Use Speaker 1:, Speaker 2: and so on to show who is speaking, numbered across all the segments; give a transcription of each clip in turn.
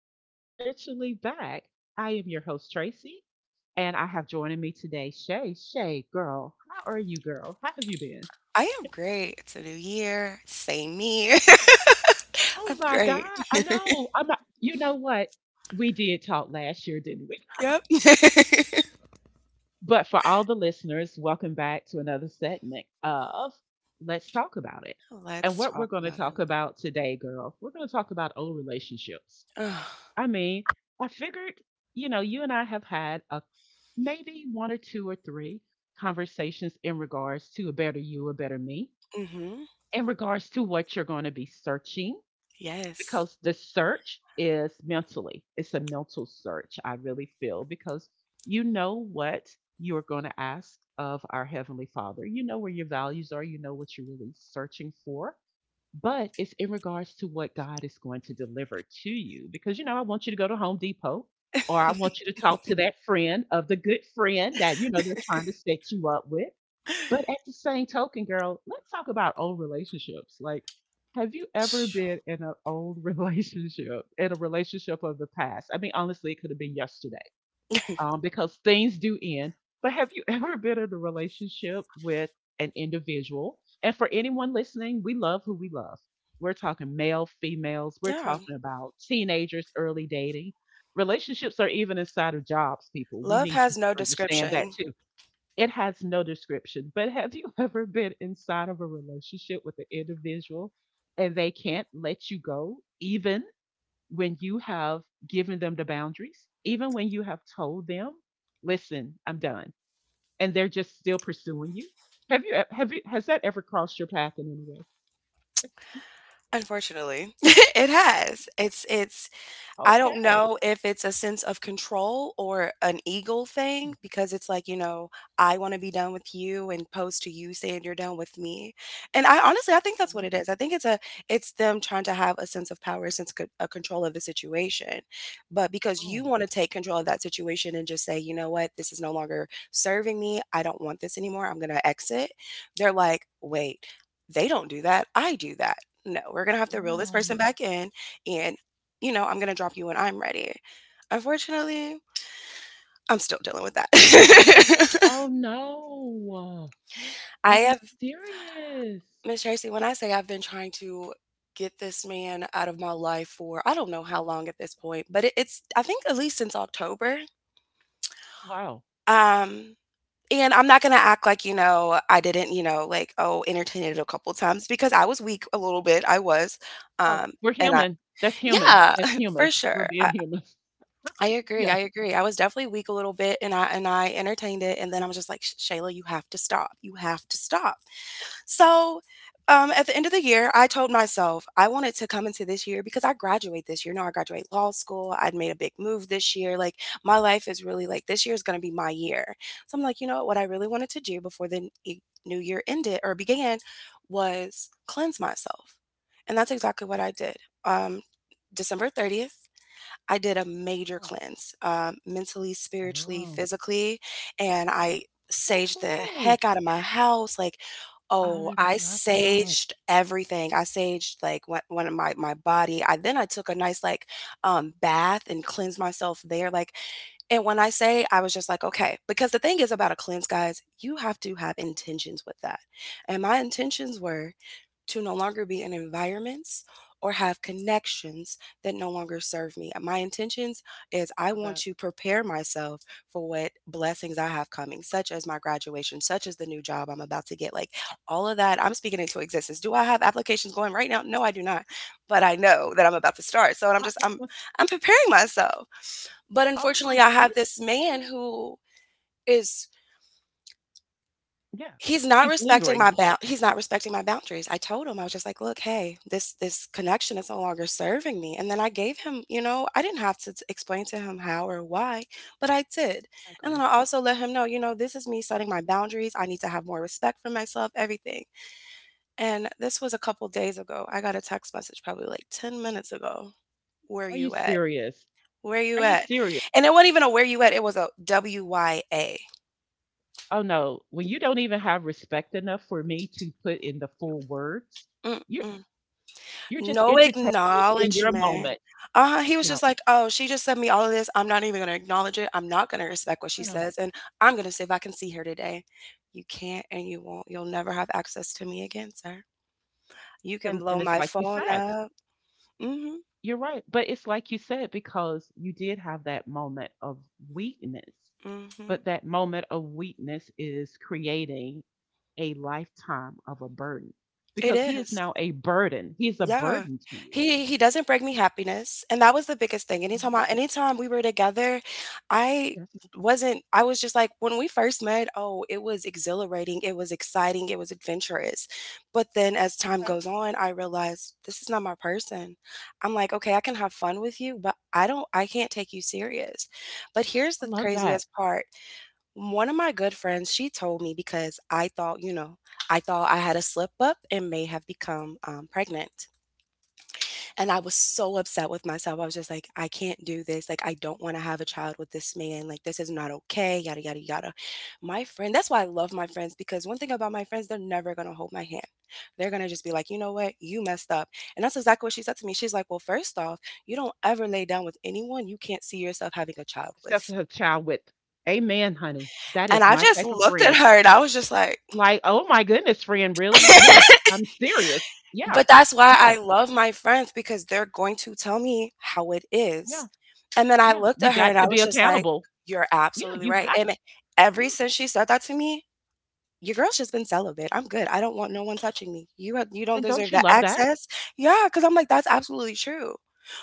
Speaker 1: We are literally back. I am your host, Tracy, and I have joining me today, Shay. Shay, girl, how are you, girl? How have you been?
Speaker 2: I am great. It's a new year, same me.
Speaker 1: Oh
Speaker 2: I'm
Speaker 1: my God,
Speaker 2: great.
Speaker 1: I know. I'm not, you know what? We did talk last year, didn't we?
Speaker 2: Yep.
Speaker 1: But for all the listeners, welcome back to another segment of Let's Talk About It. And
Speaker 2: Let's
Speaker 1: what we're
Speaker 2: talk
Speaker 1: going to
Speaker 2: about
Speaker 1: talk
Speaker 2: it.
Speaker 1: about today, girl, we're going to talk about old relationships.
Speaker 2: Ugh.
Speaker 1: I mean, I figured, you know, you and I have had a maybe one or two or three conversations in regards to a better you, a better me,
Speaker 2: Mm-hmm.
Speaker 1: in regards to what you're going to be searching,
Speaker 2: Yes.
Speaker 1: because the search is mentally, it's a mental search, I really feel, because you know what you're going to ask of our Heavenly Father. You know where your values are, you know what you're really searching for, but it's in regards to what God is going to deliver to you. Because, you know, I want you to go to Home Depot or I want you to talk to that friend of the good friend that, you know, they're trying to set you up with. But at the same token, girl, let's talk about old relationships. Like, have you ever been in an old relationship, in a relationship of the past? I mean, honestly, it could have been yesterday, because things do end. But have you ever been in a relationship with an individual? And for anyone listening, we love who we love. We're talking male, females, we're
Speaker 2: Yeah.
Speaker 1: talking about teenagers, early dating. Relationships are even inside of jobs, people. We
Speaker 2: Love
Speaker 1: need you
Speaker 2: has
Speaker 1: to
Speaker 2: no
Speaker 1: understand that
Speaker 2: description.
Speaker 1: too. It has no description. But have you ever been inside of a relationship with an individual and they can't let you go, even when you have given them the boundaries, even when you have told them, listen, I'm done, and they're just still pursuing you. Have you e, have you has that ever crossed your path in any way?
Speaker 2: Unfortunately. It has. It's I don't
Speaker 1: Okay.
Speaker 2: know if it's a sense of control or an ego thing because it's like, you know, I want to be done with you and post to you saying you're done with me. And I honestly, I think that's what
Speaker 1: Mhm.
Speaker 2: it is. I think it's a it's them trying to have a sense of power, a control of the situation. But because you
Speaker 1: Oh,
Speaker 2: want to take control of that situation and just say, you know what, this is no longer serving me. I don't want this anymore. I'm going to exit. They're like, wait, they don't do that. I do that. No, we're going to have to reel this
Speaker 1: yeah.
Speaker 2: person back in, and you know, I'm going to drop you when I'm ready. Unfortunately, I'm still dealing with that.
Speaker 1: Oh no. Are
Speaker 2: I
Speaker 1: you
Speaker 2: have,
Speaker 1: serious?
Speaker 2: Miss Tracy, when I say I've been trying to get this man out of my life for I don't know how long at this point, but it's I think, at least since October.
Speaker 1: Wow.
Speaker 2: Um, and I'm not going to act like, you know, I didn't, you know, like, oh, entertain it a couple times because I was weak a little bit. I was.
Speaker 1: Oh,
Speaker 2: Um,
Speaker 1: we're
Speaker 2: and I,
Speaker 1: human. That's human.
Speaker 2: yeah,
Speaker 1: That's
Speaker 2: for
Speaker 1: humans. We're
Speaker 2: sure.
Speaker 1: being humans. Yeah.
Speaker 2: I agree. I was definitely weak a little bit, and I entertained it, and then I was just like, "Sh Shayla, you have to stop. You have to stop." So, at the end of the year, I told myself I wanted to come into this year because I graduate this year. Now I graduate law school. I'd made a big move this year. Like, my life is really, like, this year is going to be my year. So I'm like, you know what? What I really wanted to do before the new year ended or began was cleanse myself. And that's exactly what I did. Um, December 30th. I did a major
Speaker 1: Oh,
Speaker 2: cleanse, mentally, spiritually,
Speaker 1: wow.
Speaker 2: physically, and I saged the
Speaker 1: Woohoo.
Speaker 2: heck out of my house. Like, oh,
Speaker 1: I
Speaker 2: I
Speaker 1: love that.
Speaker 2: saged everything. I saged like one of my body. I Then I took a nice, like, bath and cleansed myself there. Like, and when I say, I was just like, okay, because the thing is about a cleanse, guys, you have to have intentions with that, and my intentions were to no longer be in environments or have connections that no longer serve me. My intentions is I
Speaker 1: Love
Speaker 2: want
Speaker 1: that.
Speaker 2: to prepare myself for what blessings I have coming, such as my graduation, such as the new job I'm about to get. Like, all of that, I'm speaking into existence. Do I have applications going right now? No, I do not. But I know that I'm about to start. So I'm just I'm preparing myself. But
Speaker 1: Oh
Speaker 2: unfortunately,
Speaker 1: my
Speaker 2: I have
Speaker 1: goodness.
Speaker 2: this man who is
Speaker 1: Yeah.
Speaker 2: he's not
Speaker 1: He's
Speaker 2: respecting
Speaker 1: lingering.
Speaker 2: my bound. He's not respecting my boundaries. I told him, I was just like, "Look, hey, this connection is no longer serving me," and then I gave him, you know, I didn't have to t explain to him how or why, but I did,
Speaker 1: I
Speaker 2: and then
Speaker 1: agree.
Speaker 2: I also let him know, you know, "This is me setting my boundaries, I need to have more respect for myself, everything," and this was a couple days ago. I got a text message probably, like, 10 minutes ago, "Where
Speaker 1: Are you
Speaker 2: you at?
Speaker 1: serious?
Speaker 2: Where
Speaker 1: Are
Speaker 2: you
Speaker 1: you
Speaker 2: at?"
Speaker 1: serious?
Speaker 2: And it wasn't even a "Where you at?" It was a W-Y-A.
Speaker 1: Oh no. When you don't even have respect enough for me to put in the full words, you're
Speaker 2: Mm-mm.
Speaker 1: you're just
Speaker 2: No
Speaker 1: entertaining me in your
Speaker 2: acknowledgement.
Speaker 1: moment.
Speaker 2: Uh-huh. He was
Speaker 1: No.
Speaker 2: just like, oh, she just sent me all of this. I'm not even going to acknowledge it. I'm not going to respect what she
Speaker 1: No.
Speaker 2: says. And I'm going to say if I can see her today. You can't and you won't. You'll never have access to me again, sir. You can
Speaker 1: And
Speaker 2: blow
Speaker 1: it's
Speaker 2: my
Speaker 1: like you
Speaker 2: phone
Speaker 1: said.
Speaker 2: up. Mm-hmm.
Speaker 1: You're right. But it's like you said, because you did have that moment of weakness.
Speaker 2: Mm-hmm.
Speaker 1: But that moment of weakness is creating a lifetime of a burden
Speaker 2: It
Speaker 1: because he is
Speaker 2: is.
Speaker 1: now a burden. He's a
Speaker 2: Yeah.
Speaker 1: burden to you.
Speaker 2: He doesn't bring me happiness, and that was the biggest thing. Anytime
Speaker 1: Mhm.
Speaker 2: I, anytime we were together, I
Speaker 1: Yes.
Speaker 2: wasn't, I was just like when we first met, oh, it was exhilarating, it was exciting, it was adventurous. But then as time
Speaker 1: Okay.
Speaker 2: goes on, I realized this is not my person. I'm like, okay, I can have fun with you, but I can't take you serious. But here's
Speaker 1: I
Speaker 2: the
Speaker 1: love that.
Speaker 2: craziest part. One of my good friends, she told me because I thought, you know, I thought I had a slip up and may have become pregnant. And I was so upset with myself. I was just like, I can't do this. Like, I don't want to have a child with this man. Like, this is not okay. Yada, yada, yada. My friend, that's why I love my friends, because one thing about my friends, they're never going to hold my hand. They're going to just be like, you know what? You messed up. And that's exactly what she said to me. She's like, well, first off, you don't ever lay down with anyone you can't see yourself having a child
Speaker 1: Except
Speaker 2: with.
Speaker 1: for a child with, Amen, honey. That
Speaker 2: And
Speaker 1: is
Speaker 2: I
Speaker 1: my
Speaker 2: just
Speaker 1: type of
Speaker 2: looked at
Speaker 1: friend.
Speaker 2: her and I was just like,
Speaker 1: Like, oh my goodness, friend, really? Yes, I'm serious. Yeah,
Speaker 2: But that's why
Speaker 1: yeah,
Speaker 2: I love my friends, because they're going to tell me how it
Speaker 1: yeah,
Speaker 2: is. And then I
Speaker 1: yeah.
Speaker 2: looked
Speaker 1: You
Speaker 2: at her
Speaker 1: got
Speaker 2: and
Speaker 1: to
Speaker 2: I
Speaker 1: be
Speaker 2: was just like,
Speaker 1: accountable.
Speaker 2: "You're
Speaker 1: Yeah,
Speaker 2: absolutely
Speaker 1: you
Speaker 2: right."
Speaker 1: have.
Speaker 2: And
Speaker 1: Yeah.
Speaker 2: ever since she said that to me, your girl's just been celibate. I'm good. I don't want no one touching me. You don't
Speaker 1: And don't
Speaker 2: deserve
Speaker 1: you
Speaker 2: that
Speaker 1: love that?
Speaker 2: access. Yeah, because 'cause I'm like, that's absolutely true.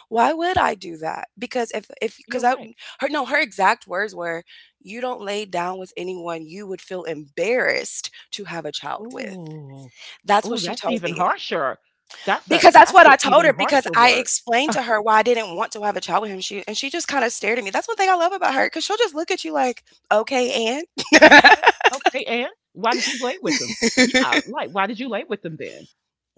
Speaker 2: Why would I do that? Because if
Speaker 1: You're
Speaker 2: because I
Speaker 1: right.
Speaker 2: her no, her exact words were, "You don't lay down with anyone you would feel embarrassed to have a child with."
Speaker 1: Oh.
Speaker 2: That's what
Speaker 1: Oh,
Speaker 2: she
Speaker 1: that's
Speaker 2: told
Speaker 1: even
Speaker 2: me.
Speaker 1: harsher. That's a
Speaker 2: Because that's
Speaker 1: that's
Speaker 2: what
Speaker 1: an
Speaker 2: I told
Speaker 1: even
Speaker 2: her, because
Speaker 1: harsher
Speaker 2: I
Speaker 1: word.
Speaker 2: explained to
Speaker 1: Ah,
Speaker 2: her why I didn't want to have a child with him. She just kinda stared at me. That's one thing I love about her. Because 'cause she'll just look at you like, "Okay, and?"
Speaker 1: okay, and why did you lay with them? Yeah, like why did you lay with them then?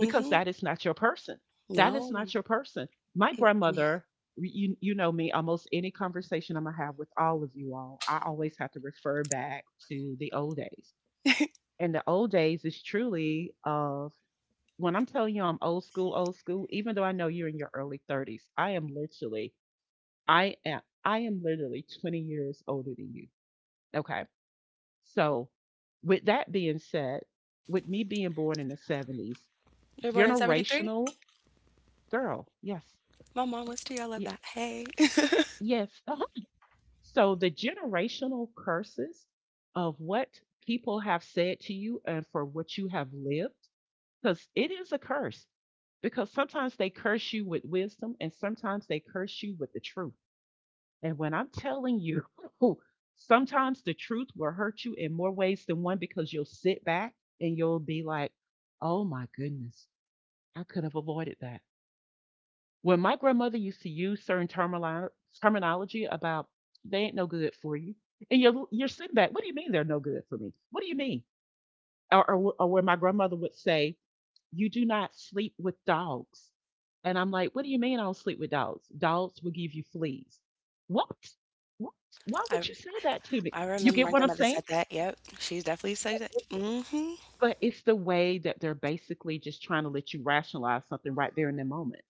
Speaker 1: Because that is not your person. That is
Speaker 2: No.
Speaker 1: not your person. My grandmother, you know me, almost any conversation I'm gonna have with all of you all, I always have to refer back to the old days. And the old days is truly of, when I'm telling you, I'm old school, even though I know you're in your early 30s, I am literally I am literally 20 years older than you. Okay. So with that being said, with me being born in the 70s,
Speaker 2: You were born in '73?
Speaker 1: generational girl. Yes.
Speaker 2: My mom was too, I love
Speaker 1: Yeah,
Speaker 2: that. Hey.
Speaker 1: yes. Uh-huh. So the generational curses of what people have said to you and for what you have lived, because it is a curse, because sometimes they curse you with wisdom and sometimes they curse you with the truth. And when I'm telling you, sometimes the truth will hurt you in more ways than one because you'll sit back and you'll be like, oh my goodness, I could have avoided that. When my grandmother used to use certain terminology about they ain't no good for you, and you're sitting back, what do you mean they're no good for me? What do you mean? Or when my grandmother would say, you do not sleep with dogs. And I'm like, what do you mean I don't sleep with dogs? Dogs will give you fleas. What? What? Why
Speaker 2: I
Speaker 1: would you say that to me?
Speaker 2: I
Speaker 1: You
Speaker 2: remember
Speaker 1: get
Speaker 2: my
Speaker 1: what I'm
Speaker 2: grandmother
Speaker 1: saying?
Speaker 2: said that, yep. She's definitely said that.
Speaker 1: It's-
Speaker 2: Mm. Mhm.
Speaker 1: But it's the way that they're basically just trying to let you rationalize something right there in the moment.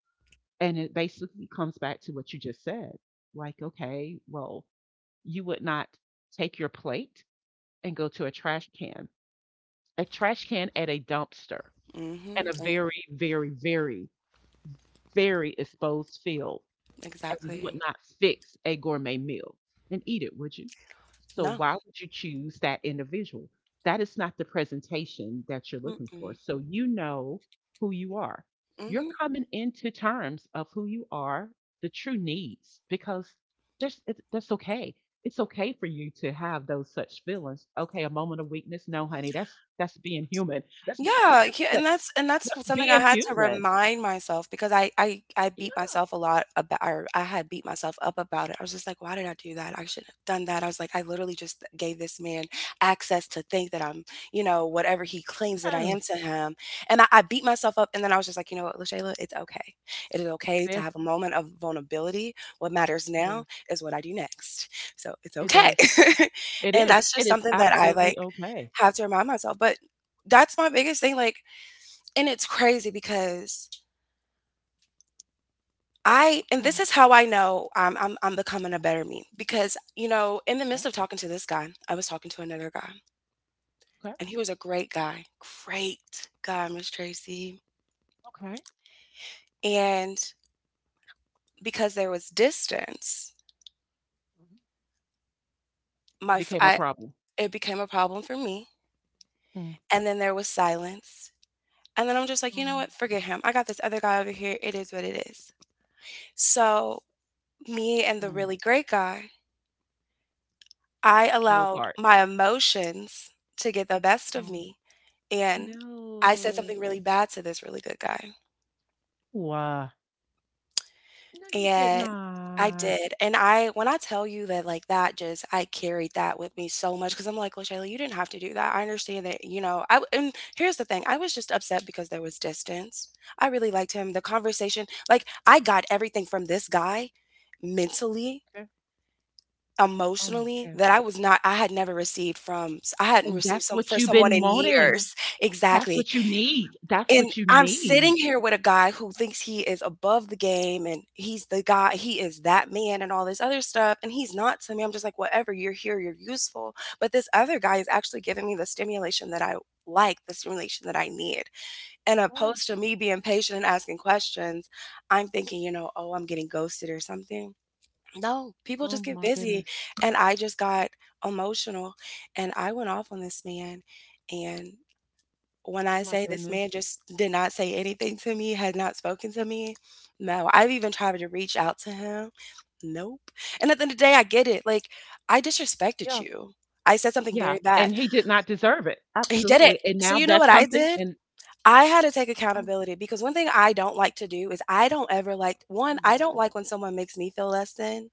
Speaker 1: And it basically comes back to what you just said. Like, okay, well, you would not take your plate and go to a trash can, at a dumpster
Speaker 2: Mm,
Speaker 1: and a
Speaker 2: hmm.
Speaker 1: very, very, very, very exposed field, and you would
Speaker 2: Exactly.
Speaker 1: not fix a gourmet meal and eat it, would you? So
Speaker 2: No.
Speaker 1: why would you choose that individual? That is not the presentation that you're looking for.
Speaker 2: Mm-mm.
Speaker 1: So you know who you are. You're
Speaker 2: Mhm.
Speaker 1: coming into terms of who you are, the true needs, because that's okay. It's okay for you to have those such feelings. Okay, a moment of weakness. No, honey, that's being human. That's being
Speaker 2: Yeah,
Speaker 1: human.
Speaker 2: and that's
Speaker 1: That's
Speaker 2: something I
Speaker 1: being
Speaker 2: had to
Speaker 1: human.
Speaker 2: remind myself because I beat myself a lot about, or I had beat myself up about it. I was just like, why did I do that? I shouldn't have done that. I was like, I literally just gave this man access to think that I'm, you know, whatever he claims that I am to
Speaker 1: Yes.
Speaker 2: him. And I beat myself up, and then I was just like, you know what, LaShayla, it's okay. It is okay to
Speaker 1: Yes,
Speaker 2: have a moment of vulnerability. What matters
Speaker 1: it
Speaker 2: now
Speaker 1: is.
Speaker 2: is what I do next. So it's
Speaker 1: It
Speaker 2: okay.
Speaker 1: does. It
Speaker 2: And
Speaker 1: is.
Speaker 2: that's
Speaker 1: It
Speaker 2: just
Speaker 1: is
Speaker 2: something that I,
Speaker 1: absolutely
Speaker 2: like,
Speaker 1: okay.
Speaker 2: have to remind myself. But that's my biggest thing, like, and it's crazy because I and this
Speaker 1: Oh,
Speaker 2: is how I know I'm becoming a better me, because, you know, in the midst
Speaker 1: oh,
Speaker 2: of talking to this guy, I was talking to another guy,
Speaker 1: okay,
Speaker 2: and he was a great guy. Great guy, Miss Tracy.
Speaker 1: okay.
Speaker 2: And because there was distance,
Speaker 1: Mhm. It
Speaker 2: my f-
Speaker 1: became a
Speaker 2: I
Speaker 1: problem.
Speaker 2: it became a problem for me.
Speaker 1: Mm,
Speaker 2: And then there was silence. And then I'm just like, you know
Speaker 1: mm,
Speaker 2: what? Forget him. I got this other guy over here. It is what it is. So, me and the
Speaker 1: mm.
Speaker 2: really great guy, I
Speaker 1: Grew
Speaker 2: allowed
Speaker 1: apart.
Speaker 2: my emotions to get the best of
Speaker 1: Mm.
Speaker 2: me. And I said
Speaker 1: No.
Speaker 2: something really bad to this really good guy.
Speaker 1: Wha No, you did
Speaker 2: And I
Speaker 1: not.
Speaker 2: did. And when I tell you that, like, that just, I carried that with me so much, because I'm like, well, Shayla, you didn't have to do that. I understand that, you know, and here's the thing, I was just upset because there was distance. I really liked him. The conversation, like, I got everything from this guy mentally,
Speaker 1: Okay. Oh my
Speaker 2: emotionally,
Speaker 1: god.
Speaker 2: that I was not I had never received from I hadn't
Speaker 1: And
Speaker 2: received
Speaker 1: that's
Speaker 2: some
Speaker 1: what
Speaker 2: for
Speaker 1: you've
Speaker 2: someone
Speaker 1: been
Speaker 2: in
Speaker 1: wanting.
Speaker 2: years.
Speaker 1: That's
Speaker 2: Exactly.
Speaker 1: what you need. That's
Speaker 2: And
Speaker 1: what you
Speaker 2: I'm sitting
Speaker 1: need.
Speaker 2: here with a guy who thinks he is above the game, and he's the guy, he is that man and all this other stuff. And he's not to me. I'm just like, whatever, you're here, you're useful. But this other guy is actually giving me the stimulation that I like, the stimulation that I need. And
Speaker 1: Yeah.
Speaker 2: opposed to me being patient and asking questions, I'm thinking, you know, oh, I'm getting ghosted or something. No, people
Speaker 1: Oh
Speaker 2: just get
Speaker 1: my
Speaker 2: busy.
Speaker 1: goodness.
Speaker 2: And I just got emotional, and I went off on this man. And when I
Speaker 1: Oh my
Speaker 2: say, this man
Speaker 1: goodness.
Speaker 2: just did not say anything to me, had not spoken to me. No, I've even tried to reach out to him. Nope. And at the end of the day, I get it. Like, I disrespected
Speaker 1: Yeah.
Speaker 2: you. I said something
Speaker 1: Yeah.
Speaker 2: very bad.
Speaker 1: And he did not deserve it.
Speaker 2: He did it.
Speaker 1: Absolutely. And
Speaker 2: So,
Speaker 1: now
Speaker 2: you know
Speaker 1: that's
Speaker 2: what I
Speaker 1: something
Speaker 2: did?
Speaker 1: and
Speaker 2: I had to take
Speaker 1: oh,
Speaker 2: accountability, because one thing I don't like to do is I don't ever like,
Speaker 1: I
Speaker 2: one, I
Speaker 1: love
Speaker 2: don't
Speaker 1: that.
Speaker 2: like when someone makes me feel less than,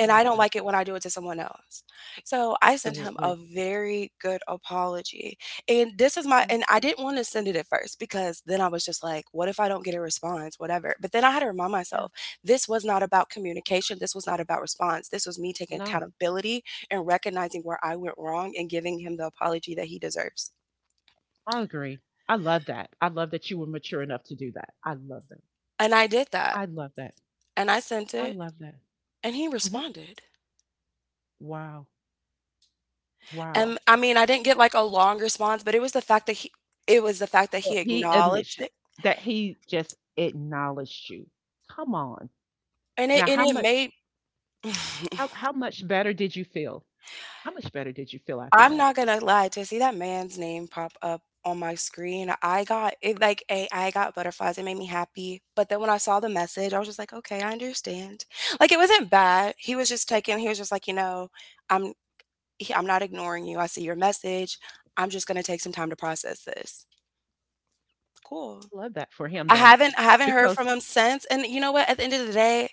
Speaker 1: I love
Speaker 2: I don't
Speaker 1: that.
Speaker 2: like it when I do it to someone else. So I sent him a
Speaker 1: Absolutely.
Speaker 2: very good apology. And this is my, and I didn't want to send it at first, because then I was just like, what if I don't get a response? Whatever. But then I had to remind
Speaker 1: Yeah.
Speaker 2: myself, this was not about communication. This was not about response. This was me taking
Speaker 1: No,
Speaker 2: accountability and recognizing where I went wrong and giving him the apology that he deserves.
Speaker 1: I agree. I love that. I love that you were mature enough to do that. I love that.
Speaker 2: And I did that.
Speaker 1: I love that.
Speaker 2: And I sent
Speaker 1: I
Speaker 2: it
Speaker 1: love that.
Speaker 2: and he
Speaker 1: Hmm.
Speaker 2: responded.
Speaker 1: Wow. Wow.
Speaker 2: And I mean, I didn't get like a long response, but it was the fact that it was the fact that he
Speaker 1: That he
Speaker 2: acknowledged
Speaker 1: initi-
Speaker 2: it.
Speaker 1: that he just acknowledged you. Come on.
Speaker 2: And it
Speaker 1: Now,
Speaker 2: and
Speaker 1: how
Speaker 2: it
Speaker 1: much
Speaker 2: made
Speaker 1: how much better did you feel? How much better did you feel after
Speaker 2: I'm
Speaker 1: that?
Speaker 2: not gonna lie, to see that man's name pop up on my screen, I got butterflies, it made me happy, but then when I saw the message, I was just like, "Okay, I understand." Like, it wasn't bad, he was just like, "You know, I'm I'm not ignoring you, I see your message, I'm just gonna take some time to process this." Cool.
Speaker 1: I love that for him though,
Speaker 2: I haven't heard from
Speaker 1: because
Speaker 2: him since, and you know what? At the end of the day,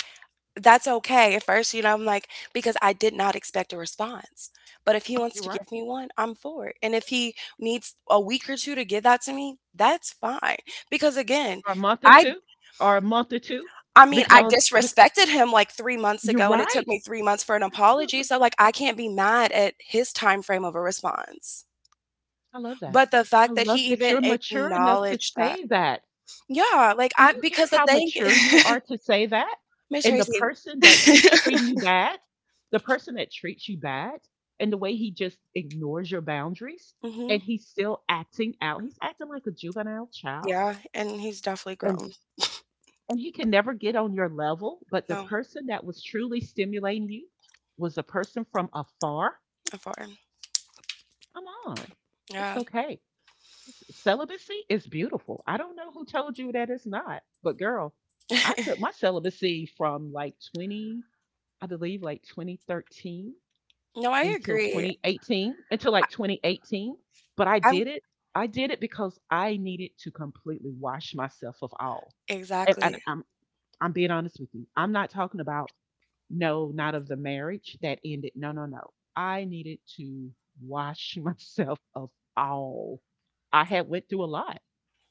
Speaker 2: that's okay. At first, you know, I'm like, because I did not expect a response. But if he wants
Speaker 1: you're
Speaker 2: to
Speaker 1: right.
Speaker 2: give me one, I'm for it. And if he needs a week or two to give that to me, that's fine. Because again,
Speaker 1: For a month or
Speaker 2: I
Speaker 1: two, or a month or two,
Speaker 2: I mean, I
Speaker 1: because bec-
Speaker 2: disrespected him like 3 months
Speaker 1: you're
Speaker 2: ago and it took
Speaker 1: right.
Speaker 2: me 3 months for an apology,
Speaker 1: Absolutely.
Speaker 2: so like I can't be mad at his time frame of a response.
Speaker 1: I love that.
Speaker 2: But the
Speaker 1: I
Speaker 2: fact that
Speaker 1: love
Speaker 2: he
Speaker 1: that
Speaker 2: even
Speaker 1: you're mature enough to
Speaker 2: acknowledged that.
Speaker 1: say that.
Speaker 2: Yeah, like
Speaker 1: Do
Speaker 2: I
Speaker 1: you
Speaker 2: because
Speaker 1: hear
Speaker 2: the
Speaker 1: how
Speaker 2: thing
Speaker 1: mature you are to say that?
Speaker 2: Miss
Speaker 1: And the
Speaker 2: Tracy.
Speaker 1: person that keeps treating you bad, the person that treats you bad, and the way he just ignores your boundaries,
Speaker 2: Mhm.
Speaker 1: and he's still acting out. He's acting like a juvenile child,
Speaker 2: Yeah, and he's definitely
Speaker 1: and
Speaker 2: grown.
Speaker 1: he can never get on your level, but the
Speaker 2: No,
Speaker 1: person that was truly stimulating you was a person from afar.
Speaker 2: a 4.
Speaker 1: Come on. It's
Speaker 2: Yeah.
Speaker 1: okay. Celibacy is beautiful. I don't know who told you that it's not, but girl, I took my celibacy from like 20, I believe like 2013
Speaker 2: No, I
Speaker 1: until
Speaker 2: agree.
Speaker 1: 2018, until like 2018. But I
Speaker 2: I'm
Speaker 1: did it. I did it because I needed to completely wash myself of all. And,
Speaker 2: exactly.
Speaker 1: I'm being honest with you. I'm not talking about no, not of the marriage that ended. No, no, no. I needed to wash myself of all. I had went through a lot.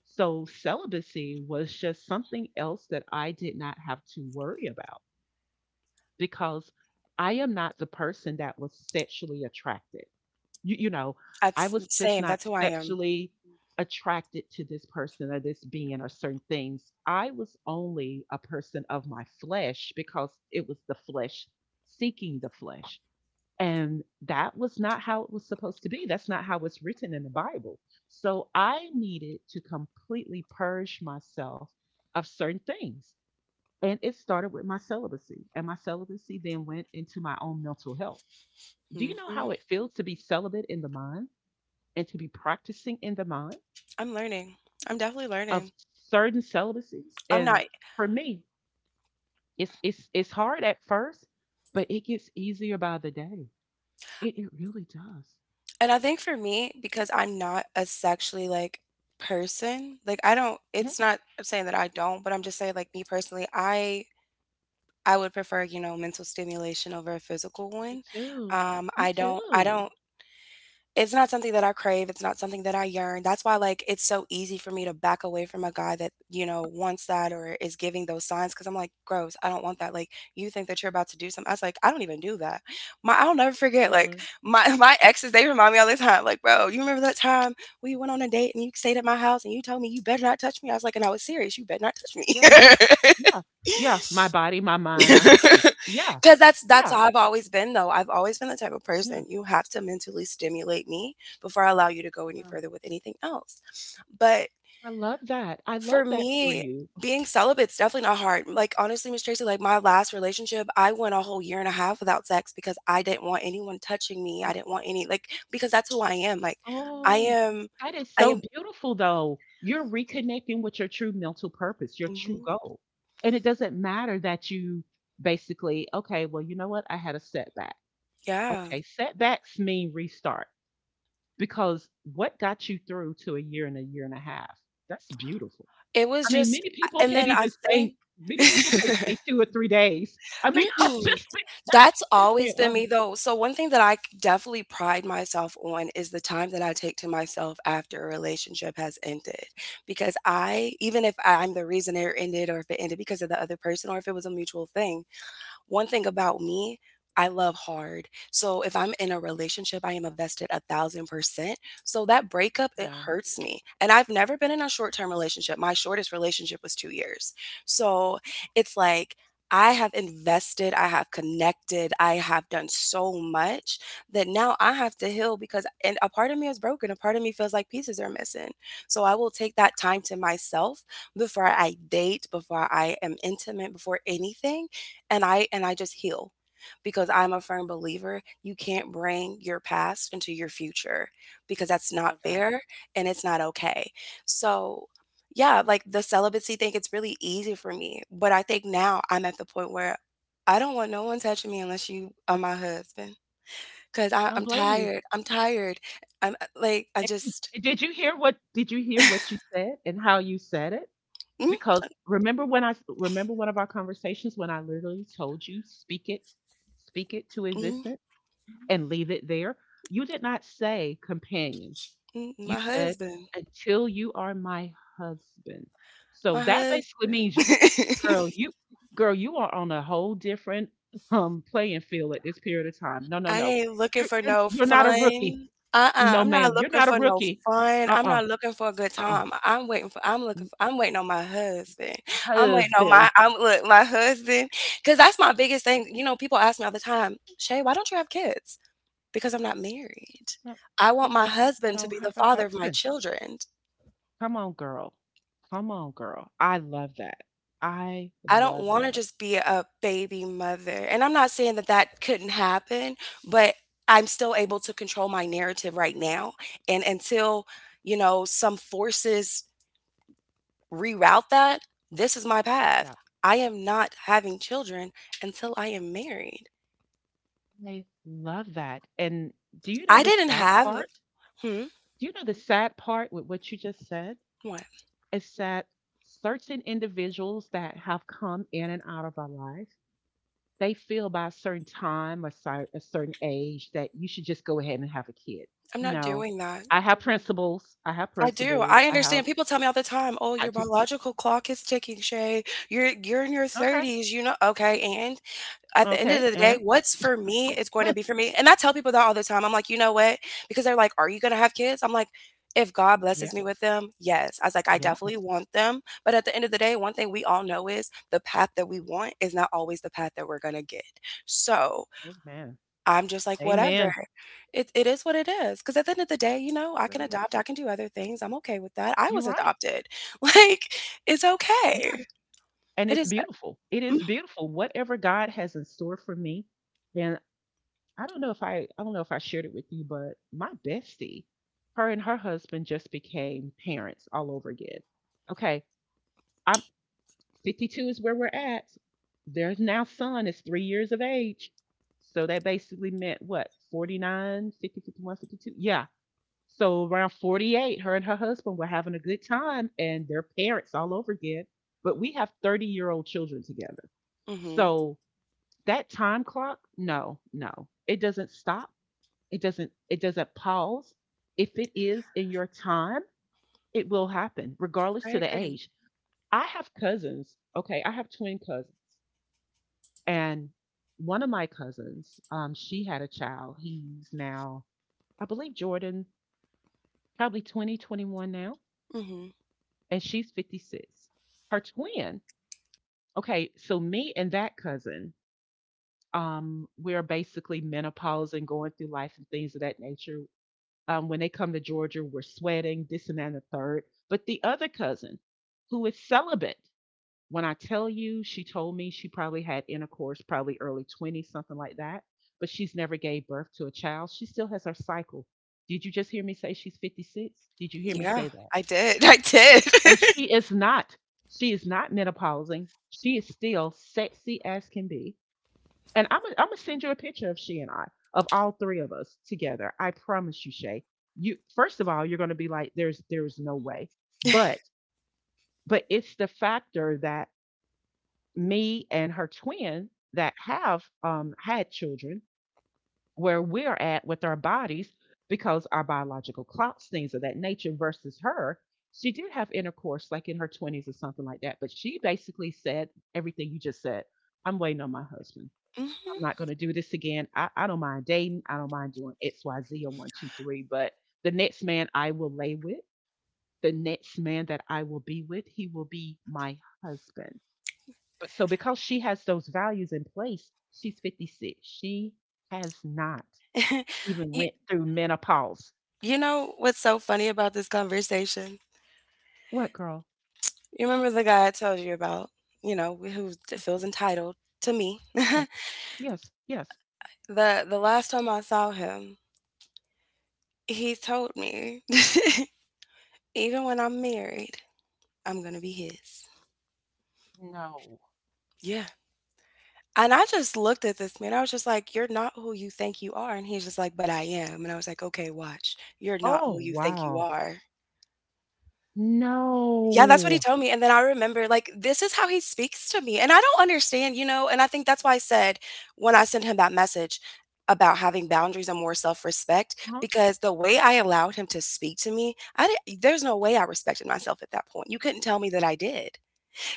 Speaker 1: So celibacy was just something else that I did not have to worry about because I am not the person that was sexually attracted. You know, I
Speaker 2: That's
Speaker 1: was just
Speaker 2: same.
Speaker 1: not
Speaker 2: That's who I am.
Speaker 1: sexually attracted to this person or this being or certain things. I was only a person of my flesh because it was the flesh seeking the flesh. And that was not how it was supposed to be. That's not how it's written in the Bible. So I needed to completely purge myself of certain things. And it started with my celibacy. And my celibacy then went into my own mental health. Do you know
Speaker 2: Hmm.
Speaker 1: how it feels to be celibate in the mind and to be practicing in the mind
Speaker 2: I'm learning. I'm definitely
Speaker 1: of
Speaker 2: learning.
Speaker 1: certain celibacies?
Speaker 2: I'm
Speaker 1: And
Speaker 2: not,
Speaker 1: for me, it's it's hard at first, but it gets easier by the day. It really does.
Speaker 2: and I think for me, because I'm not a sexually like person, like I don't, it's not, I'm saying that I don't, but I'm just saying like me personally, I would prefer, you know, mental stimulation over a physical
Speaker 1: Me
Speaker 2: one.
Speaker 1: too. Me
Speaker 2: I
Speaker 1: too.
Speaker 2: don't. It's not something that I crave, it's not something that I yearn. That's why, like, it's so easy for me to back away from a guy that, you know, wants that or is giving those signs, because I'm like, gross, I don't want that. Like, you think that you're about to do something. I was like, I don't even do that. My I'll never forget, like,
Speaker 1: Absolutely.
Speaker 2: my my exes, they remind me all the time, like, bro, you remember that time we went on a date and you stayed at my house and you told me you better not touch me? I was like, and I was serious, you better not touch me.
Speaker 1: Yeah. Yeah. Yeah. My body, my mind, my space. Yeah.
Speaker 2: Because that's
Speaker 1: Yeah.
Speaker 2: how I've always been though. I've always been the type of
Speaker 1: Yeah.
Speaker 2: person — you have to mentally stimulate me before I allow you to go any
Speaker 1: Um,
Speaker 2: further with anything else. But
Speaker 1: I love that. I
Speaker 2: for
Speaker 1: love that for
Speaker 2: me,
Speaker 1: you.
Speaker 2: being celibate's definitely not hard. Like honestly, Miss Tracy, like my last relationship, I went a whole year and a half without sex, because I didn't want anyone touching me. I didn't want any like Because that's who I am. Like I
Speaker 1: Oh,
Speaker 2: am.
Speaker 1: that is
Speaker 2: I
Speaker 1: so
Speaker 2: am.
Speaker 1: beautiful, though. You're reconnecting with your true mental purpose, your true
Speaker 2: Mhm.
Speaker 1: goal. And it doesn't matter that you basically, okay, well, you know what? I had a setback.
Speaker 2: Yeah.
Speaker 1: Okay, setbacks mean restart because what got you through to a year and a year and a half? That's beautiful.
Speaker 2: It was
Speaker 1: I mean,
Speaker 2: just
Speaker 1: many people
Speaker 2: and
Speaker 1: can't
Speaker 2: then I
Speaker 1: even
Speaker 2: think
Speaker 1: say, many people can't say 2 or 3 days. I mean,
Speaker 2: Mm-mm. That's
Speaker 1: I'm just
Speaker 2: always
Speaker 1: being
Speaker 2: been me
Speaker 1: honest.
Speaker 2: though. So one thing that I definitely pride myself on is the time that I take to myself after a relationship has ended. Even if I'm the reason it ended or if it ended because of the other person or if it was a mutual thing, one thing about me, I love hard. So if I'm in a relationship, I am invested 1,000%. So that breakup, it
Speaker 1: Yeah,
Speaker 2: hurts me. And I've never been in a short term relationship. My shortest relationship was 2 years. So it's like, I have invested, I have connected, I have done so much that now I have to heal, because and a part of me is broken, a part of me feels like pieces are missing. So I will take that time to myself before I date, before I am intimate, before anything, and I just heal, because I'm a firm believer — you can't bring your past into your future, because that's not
Speaker 1: love that.
Speaker 2: fair and it's not okay. So, yeah, like the celibacy thing, it's really easy for me, but I think now I'm at the point where I don't want no one touching me unless you are my husband, because
Speaker 1: I don't
Speaker 2: I'm
Speaker 1: blame you.
Speaker 2: tired. I'm tired. I'm like I
Speaker 1: And
Speaker 2: just
Speaker 1: did you hear what did you hear what you said and how you said it?
Speaker 2: mm,
Speaker 1: Because remember when I remember one of our conversations when I literally told you speak it to
Speaker 2: mm,
Speaker 1: existence and leave it there. You did not say companion.
Speaker 2: mm,
Speaker 1: You
Speaker 2: my
Speaker 1: said,
Speaker 2: husband,
Speaker 1: "Until you are my husband." So
Speaker 2: my
Speaker 1: that basically means,
Speaker 2: husband.
Speaker 1: girl, you girl, you are on a whole different playing field at this period of time. No, no,
Speaker 2: I
Speaker 1: no.
Speaker 2: ain't looking
Speaker 1: You're
Speaker 2: for
Speaker 1: you're
Speaker 2: no
Speaker 1: you're not a rookie.
Speaker 2: fun. Uh. Uh-uh,
Speaker 1: No,
Speaker 2: I'm not
Speaker 1: ma'am. You're
Speaker 2: looking
Speaker 1: not a
Speaker 2: for no
Speaker 1: rookie.
Speaker 2: fun. I'm
Speaker 1: Uh-uh.
Speaker 2: not looking for a good
Speaker 1: Uh-uh.
Speaker 2: time. I'm looking
Speaker 1: N-
Speaker 2: for I'm waiting on my husband.
Speaker 1: Husband.
Speaker 2: I'm look My husband. Cause that's my biggest thing. You know, people ask me all the time, Shay, why don't you have kids? Because I'm not married.
Speaker 1: No,
Speaker 2: I want my
Speaker 1: because I
Speaker 2: husband to
Speaker 1: don't
Speaker 2: be the
Speaker 1: have a
Speaker 2: father of my
Speaker 1: husband.
Speaker 2: children.
Speaker 1: Come on, girl. Come on, girl. I love that. I
Speaker 2: I don't
Speaker 1: love
Speaker 2: wanna
Speaker 1: that.
Speaker 2: just be a baby mother, and I'm not saying that that couldn't happen, but I'm still able to control my narrative right now, and until, you know, some forces reroute that, this is my path.
Speaker 1: Yeah.
Speaker 2: I am not having children until I am married.
Speaker 1: I love that. And do you know
Speaker 2: I
Speaker 1: the
Speaker 2: didn't
Speaker 1: sad
Speaker 2: have —
Speaker 1: part?
Speaker 2: Hmm?
Speaker 1: Do you know the sad part with what you just said
Speaker 2: What?
Speaker 1: is that certain individuals that have come in and out of our life, they feel by a certain time, a certain age, that you should just go ahead and have a kid.
Speaker 2: I'm not
Speaker 1: No,
Speaker 2: doing that.
Speaker 1: I have principles. I have
Speaker 2: I do,
Speaker 1: principles.
Speaker 2: I
Speaker 1: I have,
Speaker 2: understand. People tell me all the time, "Oh,
Speaker 1: I
Speaker 2: your
Speaker 1: just,
Speaker 2: biological clock is ticking, Shay. You're in your
Speaker 1: okay,
Speaker 2: 30s, you know." Okay, and? At the end of
Speaker 1: okay.
Speaker 2: the day,
Speaker 1: And
Speaker 2: what's for me is going to be for me. And I tell people that all the time. I'm like, you know what? Because they're like, are you going to have kids? I'm like, if God blesses me with
Speaker 1: yes,
Speaker 2: them, yes. I was like, I definitely
Speaker 1: yes.
Speaker 2: want them. But at the end of the day, one thing we all know is the path that we want is not always the path that we're going to get. So
Speaker 1: Amen.
Speaker 2: I'm just like, whatever.
Speaker 1: Amen.
Speaker 2: It is what it is. Because at the end of the day, you know,
Speaker 1: It
Speaker 2: I can
Speaker 1: really
Speaker 2: adopt,
Speaker 1: is.
Speaker 2: I can do other things. I'm okay with that. I
Speaker 1: You're
Speaker 2: was
Speaker 1: right.
Speaker 2: adopted. Like, it's okay.
Speaker 1: Yes. And
Speaker 2: It
Speaker 1: it's
Speaker 2: is.
Speaker 1: beautiful. It
Speaker 2: Mm-hmm.
Speaker 1: is beautiful. Whatever God has in store for me, and I don't know if I shared it with you, but my bestie, her and her husband just became parents all over again. Okay, I'm 52 is where we're at. Their now son is 3 years of age. So that basically meant what, 49, 50, 52? Yeah. So around 48, her and her husband were having a good time and they're parents all over again. But we have 30-year-old children together.
Speaker 2: Mm-hmm.
Speaker 1: So that time clock, no, no, it doesn't stop it doesn't pause. If it is in your time, it will happen regardless
Speaker 2: I
Speaker 1: to the
Speaker 2: agree.
Speaker 1: age. I have cousins, okay, I have twin cousins and one of my cousins, she had a child. He's now I believe Jordan probably 20, 21 now
Speaker 2: Hmm.
Speaker 1: and she's 56. Her twin. Okay, so me and that cousin we're basically menopause and going through life and things of that nature. When they come to Georgia, we're sweating, this and that, and the third. But the other cousin, who is celibate, when I tell you, she told me she probably had intercourse, probably early 20s, something like that, but she's never gave birth to a child. She still has her cycle. Did you just hear me say she's 56? Did you hear me
Speaker 2: Yeah,
Speaker 1: say that?
Speaker 2: I did. I did.
Speaker 1: And she is not. She is not menopausing. She is still sexy as can be and I'm gonna send you a picture of she and I, of all three of us together. I promise you, Shay. You first of all, you're gonna be like, there's no way. But it's the factor that me and her twin that have had children, where we're at with our bodies because our biological clocks, things of that nature, versus her. She did have intercourse like in her 20s or something like that, but she basically said everything you just said. I'm waiting on my husband.
Speaker 2: Mhm.
Speaker 1: I'm not going to do this again. I don't mind dating. I don't mind doing X, Y, Z, or one, two, three. But the next man I will lay with, the next man that I will be with, he will be my husband. But so because she has those values in place, she's 56. She has not even
Speaker 2: You
Speaker 1: went through menopause.
Speaker 2: know what's so funny about this conversation?
Speaker 1: What girl?
Speaker 2: You remember the guy I told you about, you know, who feels entitled to me?
Speaker 1: Yes. Yes. Yes.
Speaker 2: The last time I saw him, he told me, even when I'm married, I'm gonna be his.
Speaker 1: No.
Speaker 2: Yeah. And I just looked at this man. I was just like, "You're not who you think you are." And he's just like, "But I am." And I was like, "Okay, watch. You're not
Speaker 1: Oh,
Speaker 2: who you think you
Speaker 1: wow.
Speaker 2: are." Yeah, that's what he
Speaker 1: No.
Speaker 2: told me, and then I remember, like, this is how he speaks to me, and I don't understand, you know, and I think that's why I said, when I sent him that message about having boundaries and more self-respect,
Speaker 1: Uh-huh.
Speaker 2: because the way I allowed him to speak to me, I didn't there's no way I respected myself at that point, you couldn't tell me that I did,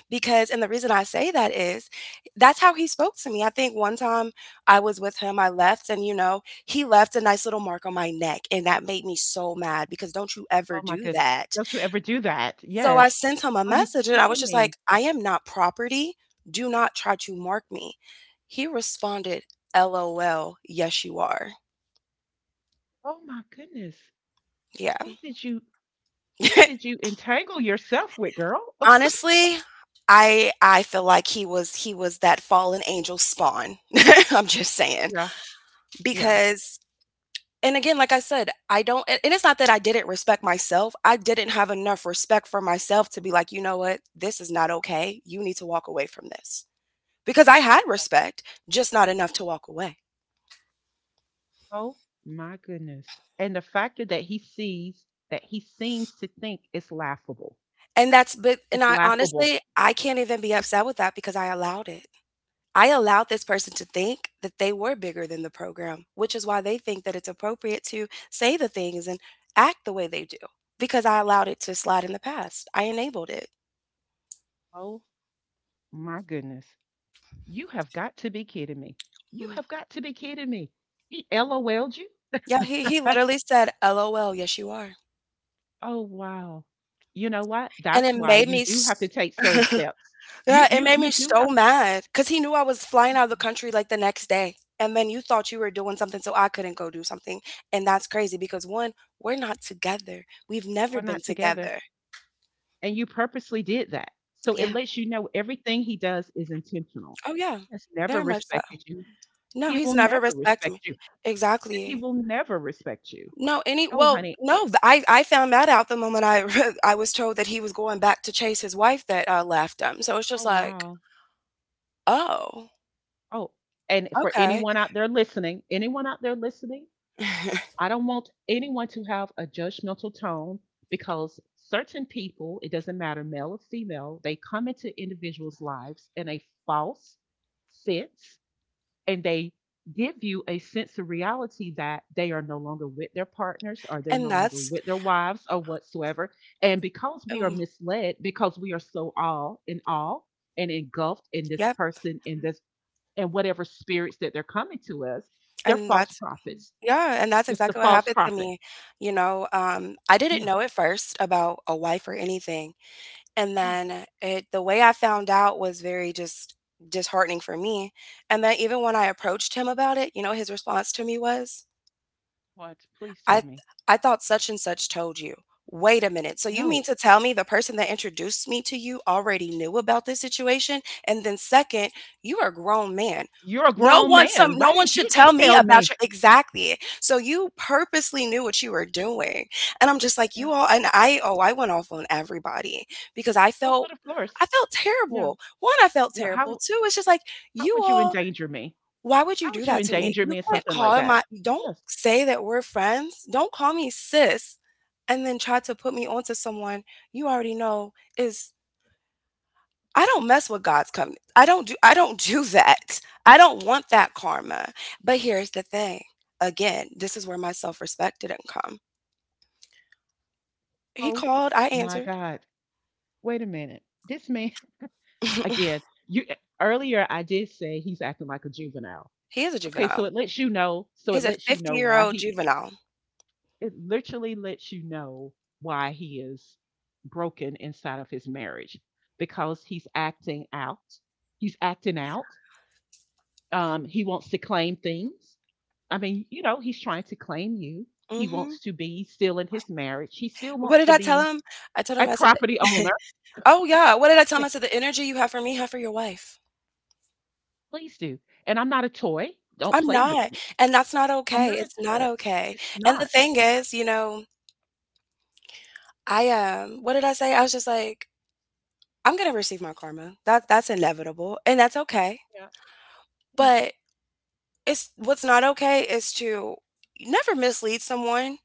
Speaker 2: because and the reason I say that is that's how he spoke to me. I think one time I was with him, I left, and, you know, he left a nice little mark on my neck, and that made me so mad, because don't you ever
Speaker 1: Oh my
Speaker 2: do
Speaker 1: goodness.
Speaker 2: that.
Speaker 1: Don't you ever do that?
Speaker 2: So
Speaker 1: Yes.
Speaker 2: I sent him a
Speaker 1: Are you
Speaker 2: message and I was
Speaker 1: kidding
Speaker 2: just
Speaker 1: me?
Speaker 2: like, I am not property. Do not try to mark me. He responded, LOL, yes you are.
Speaker 1: Oh my goodness.
Speaker 2: Yeah.
Speaker 1: Who did you who did you entangle yourself with, girl?
Speaker 2: Honestly, I feel like he was that fallen angel spawn. I'm just saying.
Speaker 1: Yeah, yeah.
Speaker 2: Because and again, like I said, I don't and it's not that I didn't respect myself. I didn't have enough respect for myself to be like, you know what, this is not okay. You need to walk away from this. Because I had respect, just not enough to walk away.
Speaker 1: Oh my goodness. And the factor that he sees that he seems to think is laughable.
Speaker 2: And that's but and
Speaker 1: It's
Speaker 2: I
Speaker 1: laughable.
Speaker 2: honestly, I can't even be upset with that because I allowed it. I allowed this person to think that they were bigger than the program, which is why they think that it's appropriate to say the things and act the way they do because I allowed it to slide in the past. I enabled it.
Speaker 1: Oh my goodness. You have got to be kidding me. You
Speaker 2: Mm.
Speaker 1: have got to be kidding me. He LOL'd you?
Speaker 2: Yeah, he literally said, "LOL, yes you are."
Speaker 1: Oh wow. You know what?
Speaker 2: And it
Speaker 1: That's why
Speaker 2: made
Speaker 1: you
Speaker 2: me
Speaker 1: do have to
Speaker 2: s
Speaker 1: take certain steps. You
Speaker 2: Yeah, it
Speaker 1: you
Speaker 2: made
Speaker 1: you
Speaker 2: me
Speaker 1: do
Speaker 2: so
Speaker 1: have to
Speaker 2: mad because he knew I was flying out of the country, like, the next day, and then you thought you were doing something so I couldn't go do something, and that's crazy because 1, we're not together. We've
Speaker 1: we're
Speaker 2: never been
Speaker 1: not together.
Speaker 2: together.
Speaker 1: And you purposely did that. So it
Speaker 2: Yeah.
Speaker 1: lets you know everything he does is intentional.
Speaker 2: Oh, yeah.
Speaker 1: Has never
Speaker 2: Very much so.
Speaker 1: respected you.
Speaker 2: No,
Speaker 1: He
Speaker 2: he's
Speaker 1: will
Speaker 2: never
Speaker 1: never
Speaker 2: respected me.
Speaker 1: respect you. And he
Speaker 2: Exactly.
Speaker 1: will never respect you.
Speaker 2: No, any
Speaker 1: Oh,
Speaker 2: well,
Speaker 1: honey.
Speaker 2: no, th- I found that out the moment I I was told that he was going back to chase his wife that, left him, so it's
Speaker 1: Oh,
Speaker 2: just like,
Speaker 1: wow.
Speaker 2: "Oh,
Speaker 1: Oh, and for
Speaker 2: okay."
Speaker 1: anyone out there listening, anyone out there listening, I don't want anyone to have a judgmental tone because certain people, it doesn't matter male or female, they come into individuals' lives in a false sense and they give you a sense of reality that they are no longer with their partners or they're
Speaker 2: And
Speaker 1: no longer
Speaker 2: that's
Speaker 1: with their wives or whatsoever. And because we are
Speaker 2: um,
Speaker 1: misled, because we are so all in all and engulfed in this
Speaker 2: yep.
Speaker 1: person, and whatever spirits that they're coming to us, they're
Speaker 2: and
Speaker 1: false
Speaker 2: that's
Speaker 1: prophets.
Speaker 2: Yeah, and that's
Speaker 1: It's the
Speaker 2: exactly what
Speaker 1: false
Speaker 2: happened to
Speaker 1: prophet.
Speaker 2: me. I didn't
Speaker 1: Yeah,
Speaker 2: know at first about a wife or anything. And
Speaker 1: yeah.
Speaker 2: then it the way I found out was very just disheartening for me. And then even when I approached him about it, his response to me was,
Speaker 1: What? Please tell
Speaker 2: I
Speaker 1: me.
Speaker 2: I thought such and such told you. Wait a minute. So you mean
Speaker 1: No,
Speaker 2: to tell me the person that introduced me to you already knew about this situation? And then second, you are a grown man.
Speaker 1: you're a
Speaker 2: No
Speaker 1: grown
Speaker 2: one
Speaker 1: man.
Speaker 2: some
Speaker 1: Why
Speaker 2: no one
Speaker 1: didn't you
Speaker 2: should tell
Speaker 1: just
Speaker 2: me
Speaker 1: tell
Speaker 2: about
Speaker 1: me?
Speaker 2: your— Exactly. So you purposely knew what you were doing. And I'm just like,
Speaker 1: Yeah.
Speaker 2: you all and I oh, I went off on everybody because
Speaker 1: Oh, but of course.
Speaker 2: I felt
Speaker 1: Yeah.
Speaker 2: terrible. One, I felt
Speaker 1: Well,
Speaker 2: terrible. Two, it's just like,
Speaker 1: how
Speaker 2: you
Speaker 1: would you
Speaker 2: all,
Speaker 1: endanger me?
Speaker 2: why would you
Speaker 1: How would
Speaker 2: do
Speaker 1: you
Speaker 2: that to me?
Speaker 1: endanger
Speaker 2: You
Speaker 1: me or
Speaker 2: can't
Speaker 1: something like
Speaker 2: call
Speaker 1: that?
Speaker 2: my— don't
Speaker 1: Yes.
Speaker 2: say that we're friends. Don't call me sis and then try to put me onto someone you already know is— I don't mess with God's company. I don't do that. I don't want that karma. But here's the thing. Again, this is where my self-respect didn't come. He
Speaker 1: Oh
Speaker 2: called, I
Speaker 1: my
Speaker 2: answered.
Speaker 1: God. Wait a minute. This man again, earlier I did say he's acting like a juvenile.
Speaker 2: He is a
Speaker 1: Okay,
Speaker 2: juvenile.
Speaker 1: so it lets you know,
Speaker 2: He's a
Speaker 1: why
Speaker 2: 50-year-old
Speaker 1: he
Speaker 2: juvenile.
Speaker 1: it literally lets you know why he is broken inside of his marriage because he's acting out. He's acting out. He wants to claim things. I mean, you know, he's trying to claim you. He
Speaker 2: Mhm.
Speaker 1: wants to be still in his marriage. He still
Speaker 2: What
Speaker 1: wants
Speaker 2: did
Speaker 1: to
Speaker 2: I tell
Speaker 1: be
Speaker 2: him? I told
Speaker 1: a
Speaker 2: him, I said,
Speaker 1: property owner,
Speaker 2: "Oh yeah, what did I tell him?
Speaker 1: like,
Speaker 2: I said, the energy you have for me, have for your wife."
Speaker 1: please do. And I'm not a toy. Don't
Speaker 2: I'm
Speaker 1: play with
Speaker 2: not,
Speaker 1: me.
Speaker 2: and that's not
Speaker 1: I'm
Speaker 2: okay,
Speaker 1: not a
Speaker 2: it's not
Speaker 1: toy.
Speaker 2: okay,
Speaker 1: It's
Speaker 2: and the
Speaker 1: not.
Speaker 2: thing is, what did I say? I was just like, "I'm gonna receive my karma, that's inevitable, and that's okay,"
Speaker 1: Yeah. Yeah.
Speaker 2: but it's what's not okay is to never mislead someone.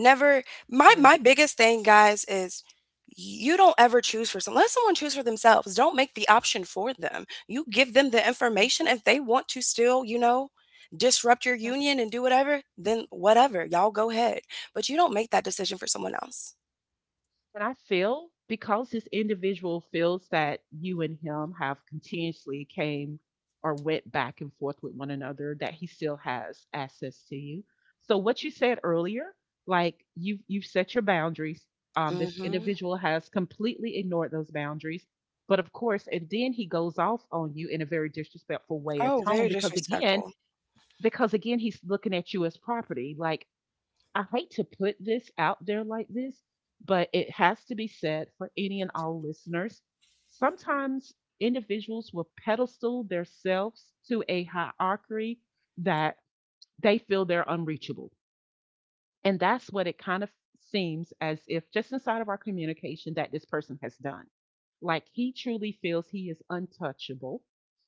Speaker 2: Never. my
Speaker 1: Agree.
Speaker 2: my biggest thing, guys, is you don't ever choose for someone. Let someone choose for themselves. Don't make the option for them. You give them the
Speaker 1: Agree.
Speaker 2: information. If they want to still, disrupt your
Speaker 1: Yeah.
Speaker 2: union and do whatever, then whatever. Y'all go ahead. But you don't make that decision for someone else.
Speaker 1: And I feel because this individual feels that you and him have continuously came or went back and forth with one another, that he still has access to you. So what you said earlier, like you've set your boundaries. This
Speaker 2: Mhm.
Speaker 1: individual has completely ignored those boundaries. But of course, and then he goes off on you in a very disrespectful way or
Speaker 2: Oh,
Speaker 1: tone
Speaker 2: very disrespectful.
Speaker 1: because again, he's looking at you as property. Like I hate to put this out there like this, but it has to be said for any and all listeners. Sometimes individuals will pedestal themselves to a hierarchy that they feel they're unreachable. And that's what it kind of seems as if just inside of our communication that this person has done. Like he truly feels he is untouchable